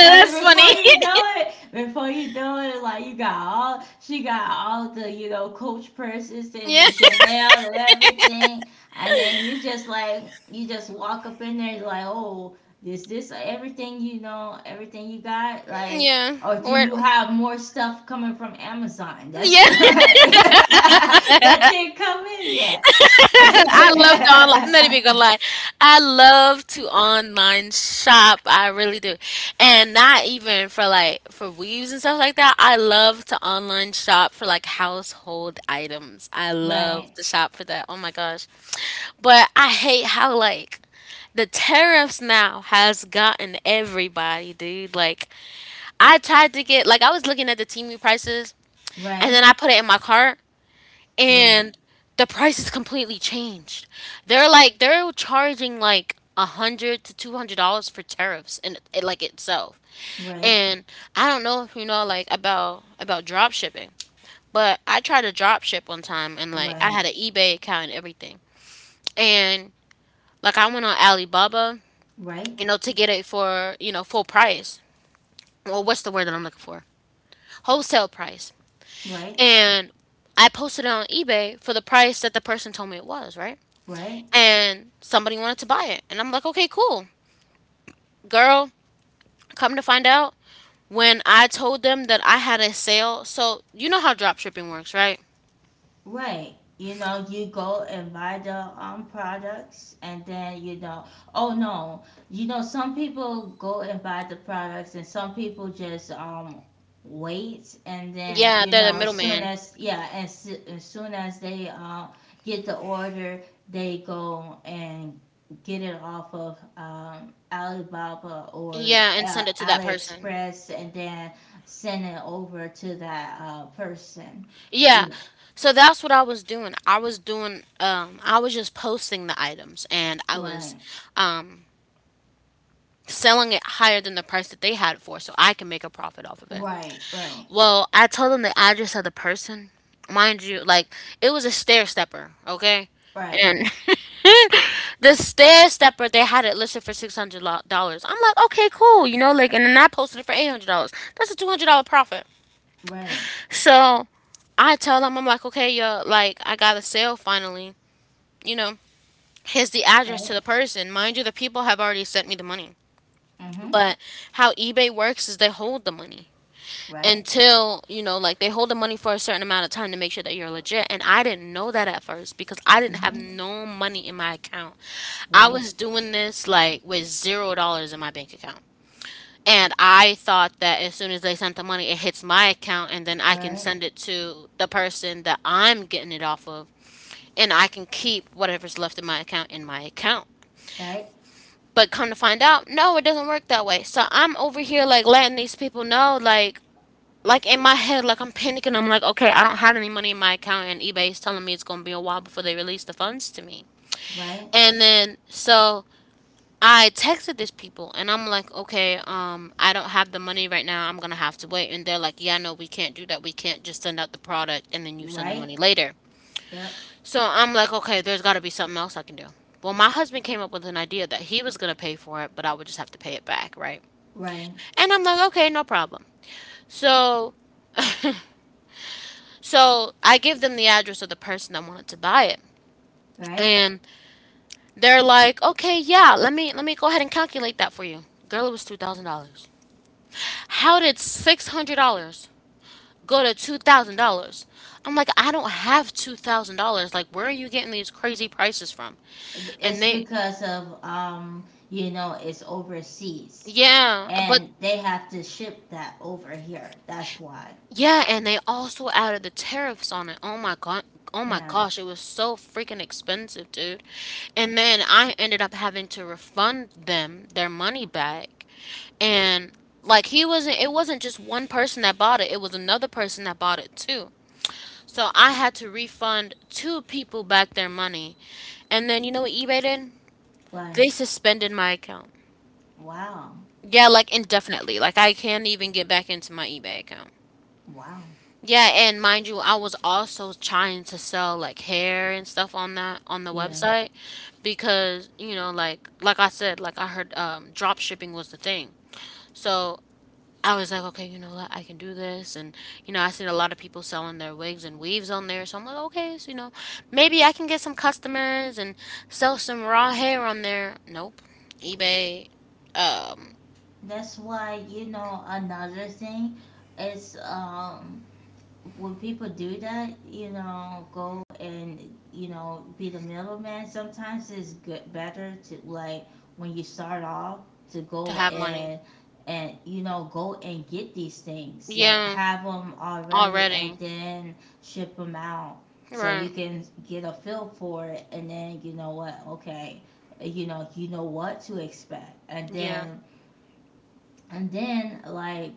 [SPEAKER 1] And
[SPEAKER 2] funny.
[SPEAKER 1] before you know it, before you know it, like, you got all she got all the, you know, Coach purses
[SPEAKER 2] Yeah.
[SPEAKER 1] and Chanel and everything, and then you just like, you just walk up in there like, oh, is this everything, you know, everything you got, like,
[SPEAKER 2] Yeah.
[SPEAKER 1] or do
[SPEAKER 2] Word.
[SPEAKER 1] you have more stuff coming from Amazon? That's
[SPEAKER 2] Yeah.
[SPEAKER 1] that didn't come in yet.
[SPEAKER 2] I love to online. I'm not even gonna lie. I love to online shop. I really do, and not even for like for weaves and stuff like that. I love to online shop for like household items. I love
[SPEAKER 1] Right,
[SPEAKER 2] to shop for that. Oh my gosh, but I hate how like the tariffs now has gotten everybody, dude. Like I tried to get like I was looking at the Temu prices, and
[SPEAKER 1] right,
[SPEAKER 2] then I put it in my cart
[SPEAKER 1] right,
[SPEAKER 2] and the price is completely changed. They're like they're charging like $100 to $200 for tariffs and it, like itself.
[SPEAKER 1] right,
[SPEAKER 2] And I don't know if you know like about drop shipping, but I tried to drop ship one time, and like I
[SPEAKER 1] right,
[SPEAKER 2] had an eBay account and everything, and like I went on Alibaba,
[SPEAKER 1] right,
[SPEAKER 2] you know, to get it for, you know, full price. Well, what's the word that I'm looking for? Wholesale price.
[SPEAKER 1] right,
[SPEAKER 2] And I posted it on eBay for the price that the person told me it was, right?
[SPEAKER 1] right,
[SPEAKER 2] And somebody wanted to buy it. And I'm like, okay, cool. Girl, come to find out, when I told them that I had a sale, so you know how drop shipping works, right?
[SPEAKER 1] right. You know, you go and buy the products and then, you know, oh no. You know, some people go and buy the products and some people just wait, and then,
[SPEAKER 2] Yeah,
[SPEAKER 1] you
[SPEAKER 2] they're the
[SPEAKER 1] know, as soon
[SPEAKER 2] middleman.
[SPEAKER 1] as, yeah, as soon as they, get the order, they go and get it off of, alibaba or
[SPEAKER 2] Yeah, and send it to that person.
[SPEAKER 1] Aliexpress and then send it over to that, person, you
[SPEAKER 2] Yeah.
[SPEAKER 1] know,
[SPEAKER 2] So that's what I was doing. I was doing I was just posting the items, and I was
[SPEAKER 1] right.
[SPEAKER 2] um selling it higher than the price that they had it for so I can make a profit off of it.
[SPEAKER 1] Right, right,
[SPEAKER 2] Well, I told them the address of the person. Mind you, like, it was a stair stepper, okay?
[SPEAKER 1] right,
[SPEAKER 2] And the stair stepper, they had it listed for $600. I'm like, okay, cool, you know, like, and then I posted it for $800. That's a $200 profit.
[SPEAKER 1] right,
[SPEAKER 2] So I tell them, I'm like, okay, yo, like, I got a sale finally. You know, here's the address
[SPEAKER 1] right,
[SPEAKER 2] to the person. Mind you, the people have already sent me the money.
[SPEAKER 1] mm-hmm,
[SPEAKER 2] But how eBay works is they hold the money,
[SPEAKER 1] right,
[SPEAKER 2] until you know, like, they hold the money for a certain amount of time to make sure that you're legit. And I didn't know that at first, because I didn't have
[SPEAKER 1] mm-hmm,
[SPEAKER 2] no money in my account. I
[SPEAKER 1] right,
[SPEAKER 2] was doing this like with $0 in my bank account, and I thought that as soon as they sent the money it hits my account and then I can
[SPEAKER 1] right,
[SPEAKER 2] send it to the person that I'm getting it off of, and I can keep whatever's left in my account in my account.
[SPEAKER 1] right,
[SPEAKER 2] But come to find out, no, it doesn't work that way. So I'm over here like letting these people know like in my head, like I'm panicking. I'm like, okay, I don't have any money in my account, and eBay is telling me it's gonna be a while before they release the funds to me.
[SPEAKER 1] right,
[SPEAKER 2] And then so I texted these people, and I'm like, okay, I don't have the money right now. I'm gonna have to wait. And they're like, yeah, no, we can't do that. We can't just send out the product and then you send the
[SPEAKER 1] right,
[SPEAKER 2] money later.
[SPEAKER 1] yep,
[SPEAKER 2] So I'm like, okay, there's got to be something else I can do. Well, my husband came up with an idea that he was gonna pay for it, but I would just have to pay it back, right?
[SPEAKER 1] right,
[SPEAKER 2] And I'm like, okay, no problem. So So I give them the address of the person that wanted to buy it.
[SPEAKER 1] right.
[SPEAKER 2] And they're like, okay, yeah, let me go ahead and calculate that for you. Girl, it was $2,000. How did $600 go to $2,000? I'm like, I don't have $2,000. Like, where are you getting these crazy prices from? And
[SPEAKER 1] It's
[SPEAKER 2] they,
[SPEAKER 1] because of, you know, it's overseas,
[SPEAKER 2] yeah, but
[SPEAKER 1] and they have to ship that over here. That's why.
[SPEAKER 2] yeah, and they also added the tariffs on it. Oh my god. Oh my
[SPEAKER 1] Yeah.
[SPEAKER 2] gosh, it was so freaking expensive, dude. And then I ended up having to refund them their money back. And like he wasn't it wasn't just one person that bought it, it was another person that bought it too. So I had to refund two people back their money. And then you know what eBay did?
[SPEAKER 1] But
[SPEAKER 2] They suspended my account.
[SPEAKER 1] wow,
[SPEAKER 2] Yeah, like indefinitely. Like I can't even get back into my eBay account.
[SPEAKER 1] wow.
[SPEAKER 2] Yeah, and mind you, I was also trying to sell like hair and stuff on that, on the
[SPEAKER 1] Yeah.
[SPEAKER 2] website, because, you know, like I said, like, I heard drop shipping was the thing. So I was like, okay, you know what, I can do this, and you know, I seen a lot of people selling their wigs and weaves on there. So I'm like, okay, so you know, maybe I can get some customers and sell some raw hair on there. Nope. eBay um
[SPEAKER 1] That's why, you know, another thing is, when people do that, you know, go and, you know, be the middleman. Sometimes it's good better to, like, when you start off, to
[SPEAKER 2] to
[SPEAKER 1] go
[SPEAKER 2] have money.
[SPEAKER 1] and you know, go and get these things, like
[SPEAKER 2] Yeah,
[SPEAKER 1] have them already and
[SPEAKER 2] already.
[SPEAKER 1] then ship them out, so
[SPEAKER 2] Right.
[SPEAKER 1] you can get a feel for it. And then you know what, okay, you know, what to expect, and
[SPEAKER 2] Yeah.
[SPEAKER 1] then like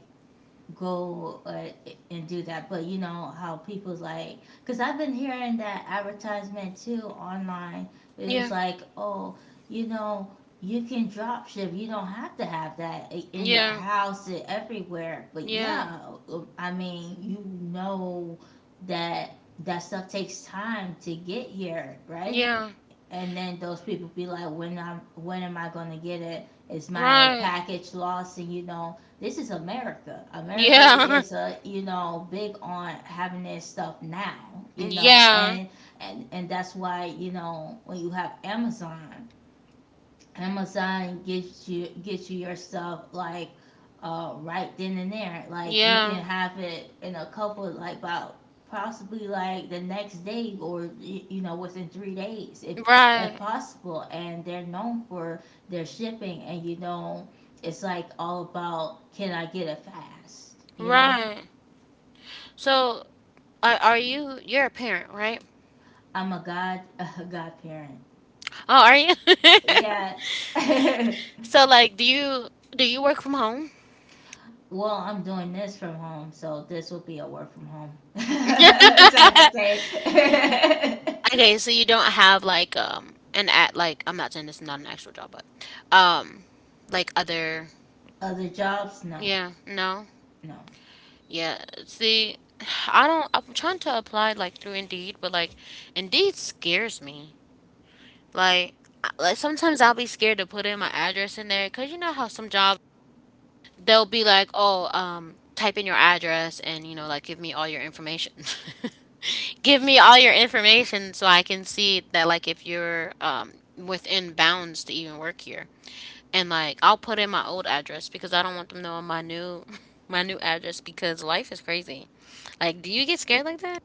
[SPEAKER 1] go, and do that. But you know how people's like, because I've been hearing that advertisement too online. It was
[SPEAKER 2] Yeah.
[SPEAKER 1] like, oh, you know, you can drop ship. You don't have to have that in your
[SPEAKER 2] Yeah.
[SPEAKER 1] house and everywhere. But
[SPEAKER 2] Yeah.
[SPEAKER 1] yeah, I mean, you know, that that stuff takes time to get here, right?
[SPEAKER 2] Yeah.
[SPEAKER 1] And then those people be like, when am I gonna get it? Is my
[SPEAKER 2] Right.
[SPEAKER 1] package lost? And you know, this is America. America
[SPEAKER 2] Yeah.
[SPEAKER 1] is a, you know, big on having their stuff now. You know.
[SPEAKER 2] Yeah.
[SPEAKER 1] And that's why, you know, when you have Amazon, Amazon gives you gets you your stuff like, right then and there. Like you can
[SPEAKER 2] Yeah.
[SPEAKER 1] have it in a couple like about possibly like the next day or within 3 days if
[SPEAKER 2] Right.
[SPEAKER 1] possible, and they're known for their shipping, and it's like all about can I get it fast,
[SPEAKER 2] Right. So are you're a parent, right?
[SPEAKER 1] I'm a god a godparent,
[SPEAKER 2] Oh, are you?
[SPEAKER 1] yes.
[SPEAKER 2] So like do you work from home?
[SPEAKER 1] Well, I'm doing this from home, so this will be a work from home type of day.
[SPEAKER 2] Okay, so you don't have like an at, like, I'm not saying this is not an actual job, but um like other,
[SPEAKER 1] Other jobs, no,
[SPEAKER 2] yeah, no.
[SPEAKER 1] no,
[SPEAKER 2] Yeah. See, I don't, I'm trying to apply like through Indeed, but like Indeed scares me. Like, like sometimes I'll be scared to put in my address in there because you know how some jobs they'll be like, oh, type in your address and you know, like give me all your information. Give me all your information so I can see that like if you're within bounds to even work here. And like I'll put in my old address because I don't want them knowing my new my new address because life is crazy. Like, do you get scared like that?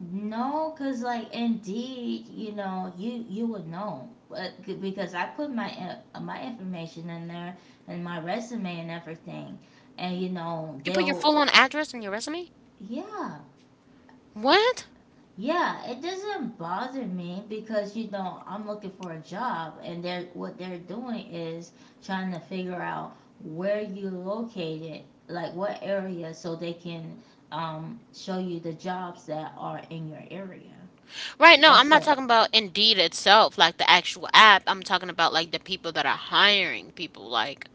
[SPEAKER 1] no, cause like Indeed, you know, you would know, but because I put my my information in there and my resume and everything, and you know
[SPEAKER 2] You put your
[SPEAKER 1] they'll,
[SPEAKER 2] full on address in your resume?
[SPEAKER 1] yeah.
[SPEAKER 2] What?
[SPEAKER 1] Yeah, it doesn't bother me because you know I'm looking for a job, and they're what they're doing is trying to figure out where you located, like what area, so they can show you the jobs that are in your area.
[SPEAKER 2] Right, no, I'm
[SPEAKER 1] That's
[SPEAKER 2] not
[SPEAKER 1] up,
[SPEAKER 2] talking about Indeed itself, like the actual app. I'm talking about like the people that are hiring people, like,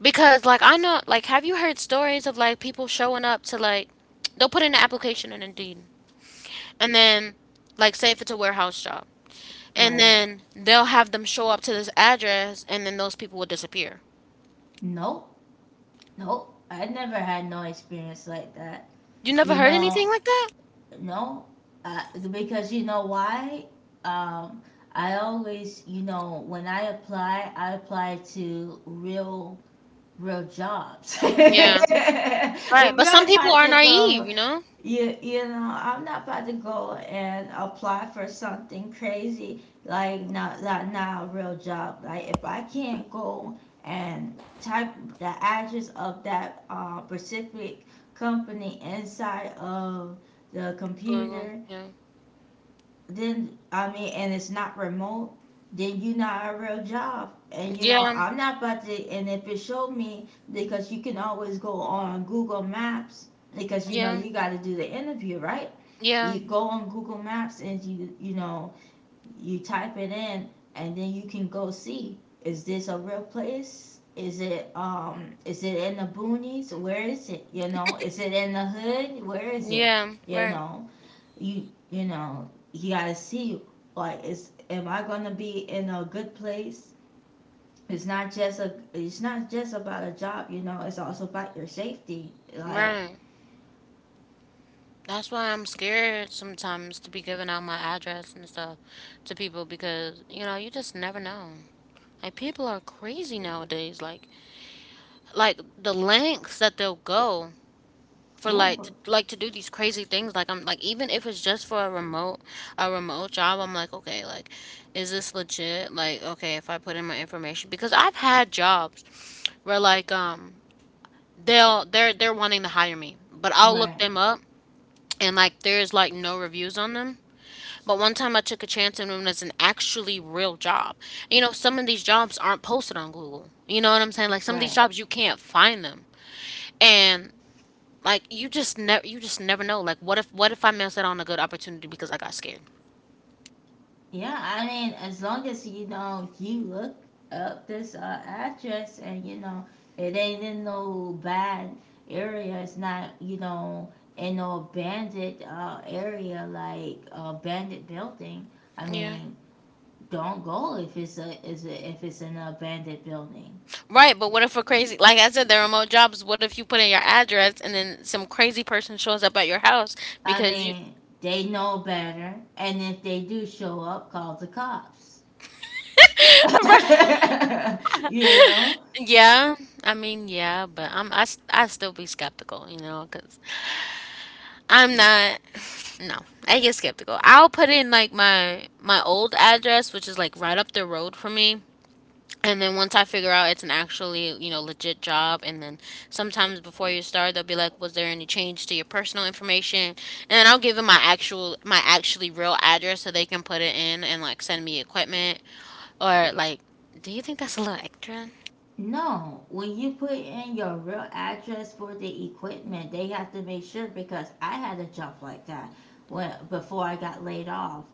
[SPEAKER 2] because like I know like, have you heard stories of like people showing up to like, they'll put in an application in Indeed, and then, like, say if it's a warehouse job, and
[SPEAKER 1] right?
[SPEAKER 2] then they'll have them show up to this address, and then those people will disappear.
[SPEAKER 1] Nope, nope. I never had no experience like that.
[SPEAKER 2] You never
[SPEAKER 1] You
[SPEAKER 2] heard anything
[SPEAKER 1] know,
[SPEAKER 2] like that?
[SPEAKER 1] no, I, because you know why? Um, I always, you know, when I apply to real, real jobs. I'm
[SPEAKER 2] Yeah. Right, but some
[SPEAKER 1] not
[SPEAKER 2] people
[SPEAKER 1] about
[SPEAKER 2] are
[SPEAKER 1] to
[SPEAKER 2] naive,
[SPEAKER 1] go,
[SPEAKER 2] you know?
[SPEAKER 1] you know, I'm not about to go and apply for something crazy like not not a real job. Like if I can't go and type the address of that specific company inside of the
[SPEAKER 2] Google.
[SPEAKER 1] computer,
[SPEAKER 2] Yeah.
[SPEAKER 1] then I mean, and it's not remote, then you're not a real job. And you know,
[SPEAKER 2] Yeah,
[SPEAKER 1] I'm not about to. And if it showed me, because you can always go on Google Maps because you know
[SPEAKER 2] yeah,
[SPEAKER 1] you got to do the interview, right?
[SPEAKER 2] yeah,
[SPEAKER 1] You go on Google Maps and you know you type it in, and then you can go see, is this a real place? Is it in the boonies? Where is it? You know, is it in the hood? Where is it?
[SPEAKER 2] yeah,
[SPEAKER 1] You
[SPEAKER 2] right.
[SPEAKER 1] know, you know you gotta see like is am I gonna be in a good place? It's not just a it's not just about a job. You know, it's also about your safety. Like,
[SPEAKER 2] Right. That's why I'm scared sometimes to be giving out my address and stuff to people because, you know, you just never know. Like people are crazy nowadays. Like the lengths that they'll go for,
[SPEAKER 1] yeah, but,
[SPEAKER 2] like to do these crazy things. Like I'm like, even if it's just for a remote job, I'm like, okay, like, is this legit? Like, okay, if I put in my information, because I've had jobs where like they'll they're wanting to hire me, but I'll look
[SPEAKER 1] right,
[SPEAKER 2] them up, and like there's like no reviews on them. But one time I took a chance and it was an actually real job. You know, some of these jobs aren't posted on Google. You know what I'm saying? Like some of these
[SPEAKER 1] right.
[SPEAKER 2] jobs you can't find them. And like you just never know. Like what if, what if I missed out on a good opportunity because I got scared?
[SPEAKER 1] Yeah, I mean, as long as you know you look up this address and you know it ain't in no bad area. It's not you know in no abandoned area like abandoned building. I
[SPEAKER 2] Yeah.
[SPEAKER 1] mean, don't go if it's a is a, if it's an abandoned building.
[SPEAKER 2] Right, but what if we're crazy? Like I said, the remote jobs, what if you put in your address and then some crazy person shows up at your house
[SPEAKER 1] I
[SPEAKER 2] because you
[SPEAKER 1] mean, they know better, and if they do show up, call the cops.
[SPEAKER 2] Right.
[SPEAKER 1] You know.
[SPEAKER 2] Yeah. I mean, yeah, but I still be skeptical, you know, cuz I'm not. No, I get skeptical. I'll put in like my old address, which is like right up the road from me. And then once I figure out it's an actually, you know, legit job, and then sometimes before you start, they'll be like, "Was there any change to your personal information?" And then I'll give them my actual, my actually real address so they can put it in and like send me equipment, or like, do you think that's a little extra?
[SPEAKER 1] No, when you put in your real address for the equipment, they have to make sure because I had a job like that when before I got laid off,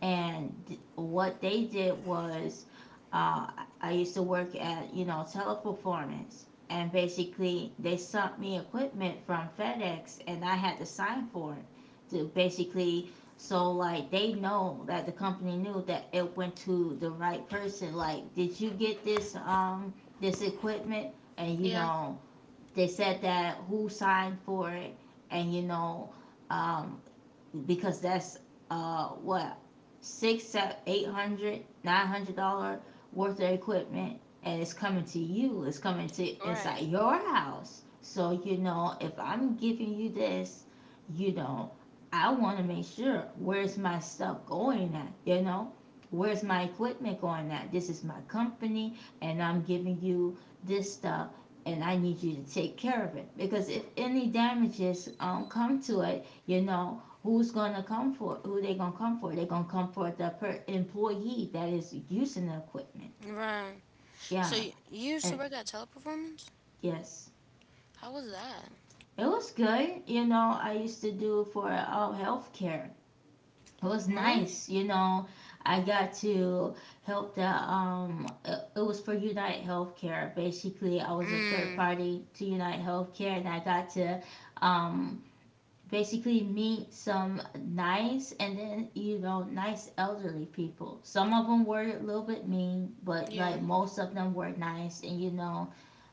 [SPEAKER 1] and what they did was, uh, I used to work at you know Teleperformance, and basically they sent me equipment from FedEx, and I had to sign for it to basically so like they know that the company knew that it went to the right person. Like, did you get this this equipment, and you
[SPEAKER 2] Yeah,
[SPEAKER 1] know they said that who signed for it, and you know, um, because that's what, six, seven, 800, $900 worth of equipment, and it's coming to you. It's coming to
[SPEAKER 2] right.
[SPEAKER 1] inside your house. So you know, if I'm giving you this, you know, I want to make sure where's my stuff going at. You know, where's my equipment going at? This is my company, and I'm giving you this stuff. And I need you to take care of it because if any damages come to it, you know, who's gonna come for? Who they gonna come for? They gonna come for the employee that is using the equipment.
[SPEAKER 2] Right. So
[SPEAKER 1] Yeah,
[SPEAKER 2] you used
[SPEAKER 1] and
[SPEAKER 2] to work at Teleperformance?
[SPEAKER 1] yes,
[SPEAKER 2] How was that?
[SPEAKER 1] it was good. You know, I used to do for all healthcare. It was
[SPEAKER 2] Really?
[SPEAKER 1] nice. You know, I got to help the It, it was for United Healthcare. Basically, I was a third
[SPEAKER 2] Mm.
[SPEAKER 1] party to United Healthcare, and I got to um basically meet some nice and then you know nice elderly people. Some of them were a little bit mean, but like
[SPEAKER 2] Yeah.
[SPEAKER 1] most of them were nice, and you know,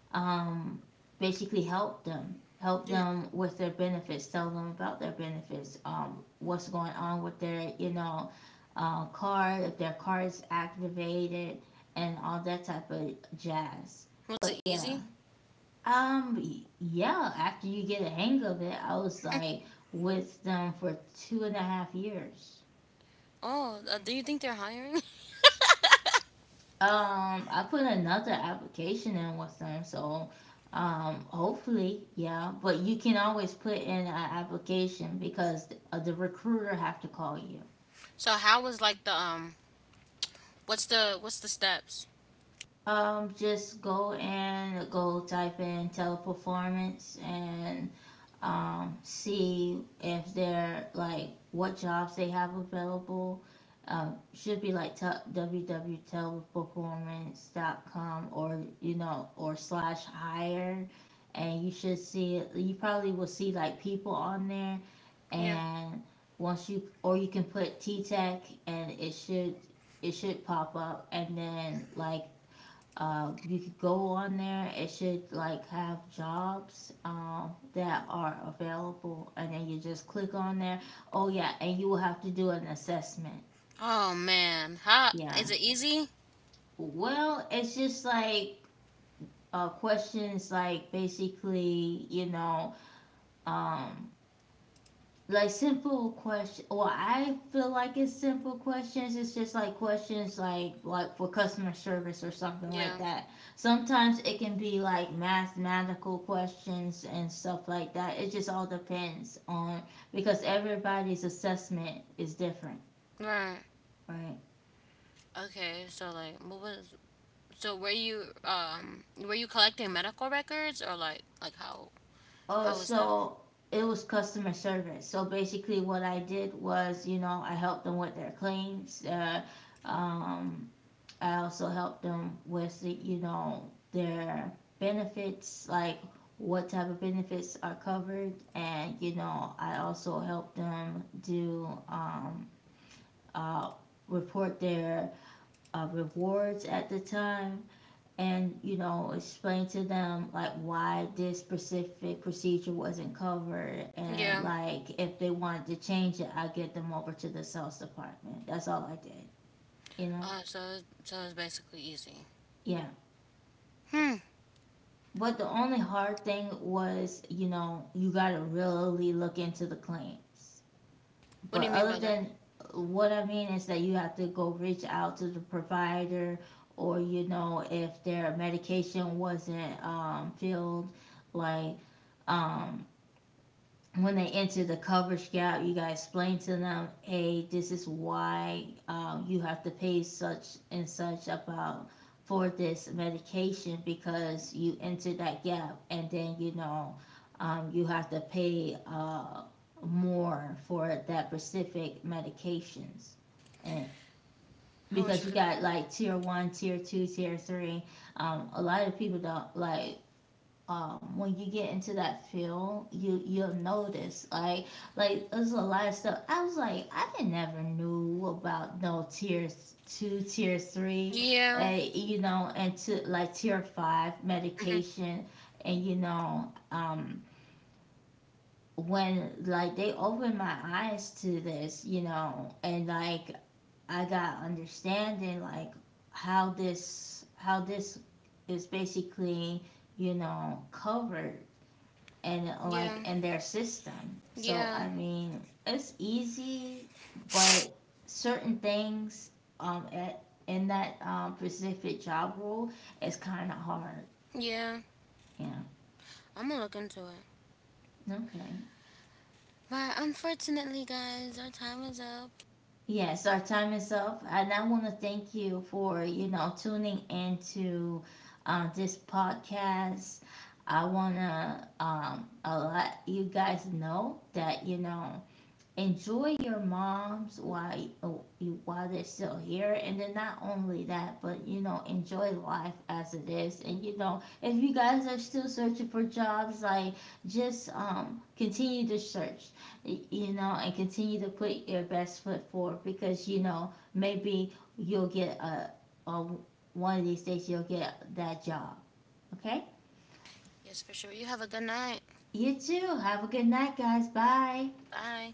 [SPEAKER 1] um basically help them with their benefits, tell them about their benefits, what's going on with their you know card, if their card is activated, and all that type of jazz.
[SPEAKER 2] Was
[SPEAKER 1] But
[SPEAKER 2] it
[SPEAKER 1] yeah,
[SPEAKER 2] easy?
[SPEAKER 1] yeah, after you get a hang of it, I was like with them for two and a half years.
[SPEAKER 2] Oh, do you think they're hiring?
[SPEAKER 1] I put another application in with them, so hopefully, yeah. But you can always put in an application because the recruiter have to call you.
[SPEAKER 2] So how was like the what's the steps?
[SPEAKER 1] Just go and go type in Teleperformance and see if they're like what jobs they have available. Should be like www.teleperformance.com or you know or slash hire, and you should see. You probably will see like people on there,
[SPEAKER 2] Yeah.
[SPEAKER 1] and once you, or you can put T Tech, and it should pop up, and then like you could go on there. It should like have jobs that are available, and then you just click on there. Oh yeah, and you will have to do an assessment.
[SPEAKER 2] Oh man. How
[SPEAKER 1] Yeah.
[SPEAKER 2] is it easy?
[SPEAKER 1] Well, it's just like questions, like basically, you know, um, like simple question, well I feel like it's simple questions. It's just like questions like for customer service or something like
[SPEAKER 2] Yeah.
[SPEAKER 1] that. Sometimes it can be like mathematical questions and stuff like that. It just all depends on, because everybody's assessment is different,
[SPEAKER 2] Right.
[SPEAKER 1] right?
[SPEAKER 2] Okay, so like what was, so were you collecting medical records, or like how
[SPEAKER 1] Oh
[SPEAKER 2] how was that?
[SPEAKER 1] so, it was customer service, so basically what I did was, you know, I helped them with their claims, um, I also help them with the, you know, their benefits, like what type of benefits are covered, and you know I also help them do uh, report their rewards at the time, and you know, explain to them like why this specific procedure wasn't covered, and
[SPEAKER 2] Yeah.
[SPEAKER 1] like if they wanted to change it, I get them over to the sales department. That's all I did, you know.
[SPEAKER 2] So it's basically easy.
[SPEAKER 1] Yeah.
[SPEAKER 2] Hmm.
[SPEAKER 1] But the only hard thing was, you know, you got to really look into the claims.
[SPEAKER 2] What
[SPEAKER 1] But
[SPEAKER 2] do you mean
[SPEAKER 1] other
[SPEAKER 2] by that?
[SPEAKER 1] than what I mean is that you have to go reach out to the provider, or you know, if their medication wasn't filled, like um, when they enter the coverage gap, you gotta explain to them, hey, this is why you have to pay such and such about for this medication because you entered that gap, and then you know, you have to pay more for that specific medications, and
[SPEAKER 2] I
[SPEAKER 1] because
[SPEAKER 2] wish
[SPEAKER 1] you
[SPEAKER 2] we could.
[SPEAKER 1] got like tier one, tier two, tier three. A lot of people don't like when you get into that field, you you'll notice like there's a lot of stuff. I was like, I didn't never knew about no tiers two, tier three,
[SPEAKER 2] Yeah.
[SPEAKER 1] you know, and to like tier five
[SPEAKER 2] Hmm.
[SPEAKER 1] medication, and you know when like they opened my eyes to this, you know, and like I got understanding like how this is basically, you know, covered, and like
[SPEAKER 2] Yeah.
[SPEAKER 1] in their system. So I
[SPEAKER 2] Yeah.
[SPEAKER 1] mean, it's easy, but certain things in that specific job role is kind of hard.
[SPEAKER 2] Yeah.
[SPEAKER 1] Yeah.
[SPEAKER 2] I'm gonna look into it.
[SPEAKER 1] Okay.
[SPEAKER 2] But unfortunately, guys, our time is up.
[SPEAKER 1] Yes, our time is up, and I want to thank you for you know tuning into this podcast. I wanna let you guys know that you know enjoy your moms while you, oh, while they're still here, and then not only that but you know enjoy life as it is, and you know if you guys are still searching for jobs like just continue to search, you know, and continue to put your best foot forward because you know maybe you'll get a, one of these days you'll get that job, okay.
[SPEAKER 2] Yes, for sure. You have a good night.
[SPEAKER 1] You too, have a good night, guys, bye.
[SPEAKER 2] Bye.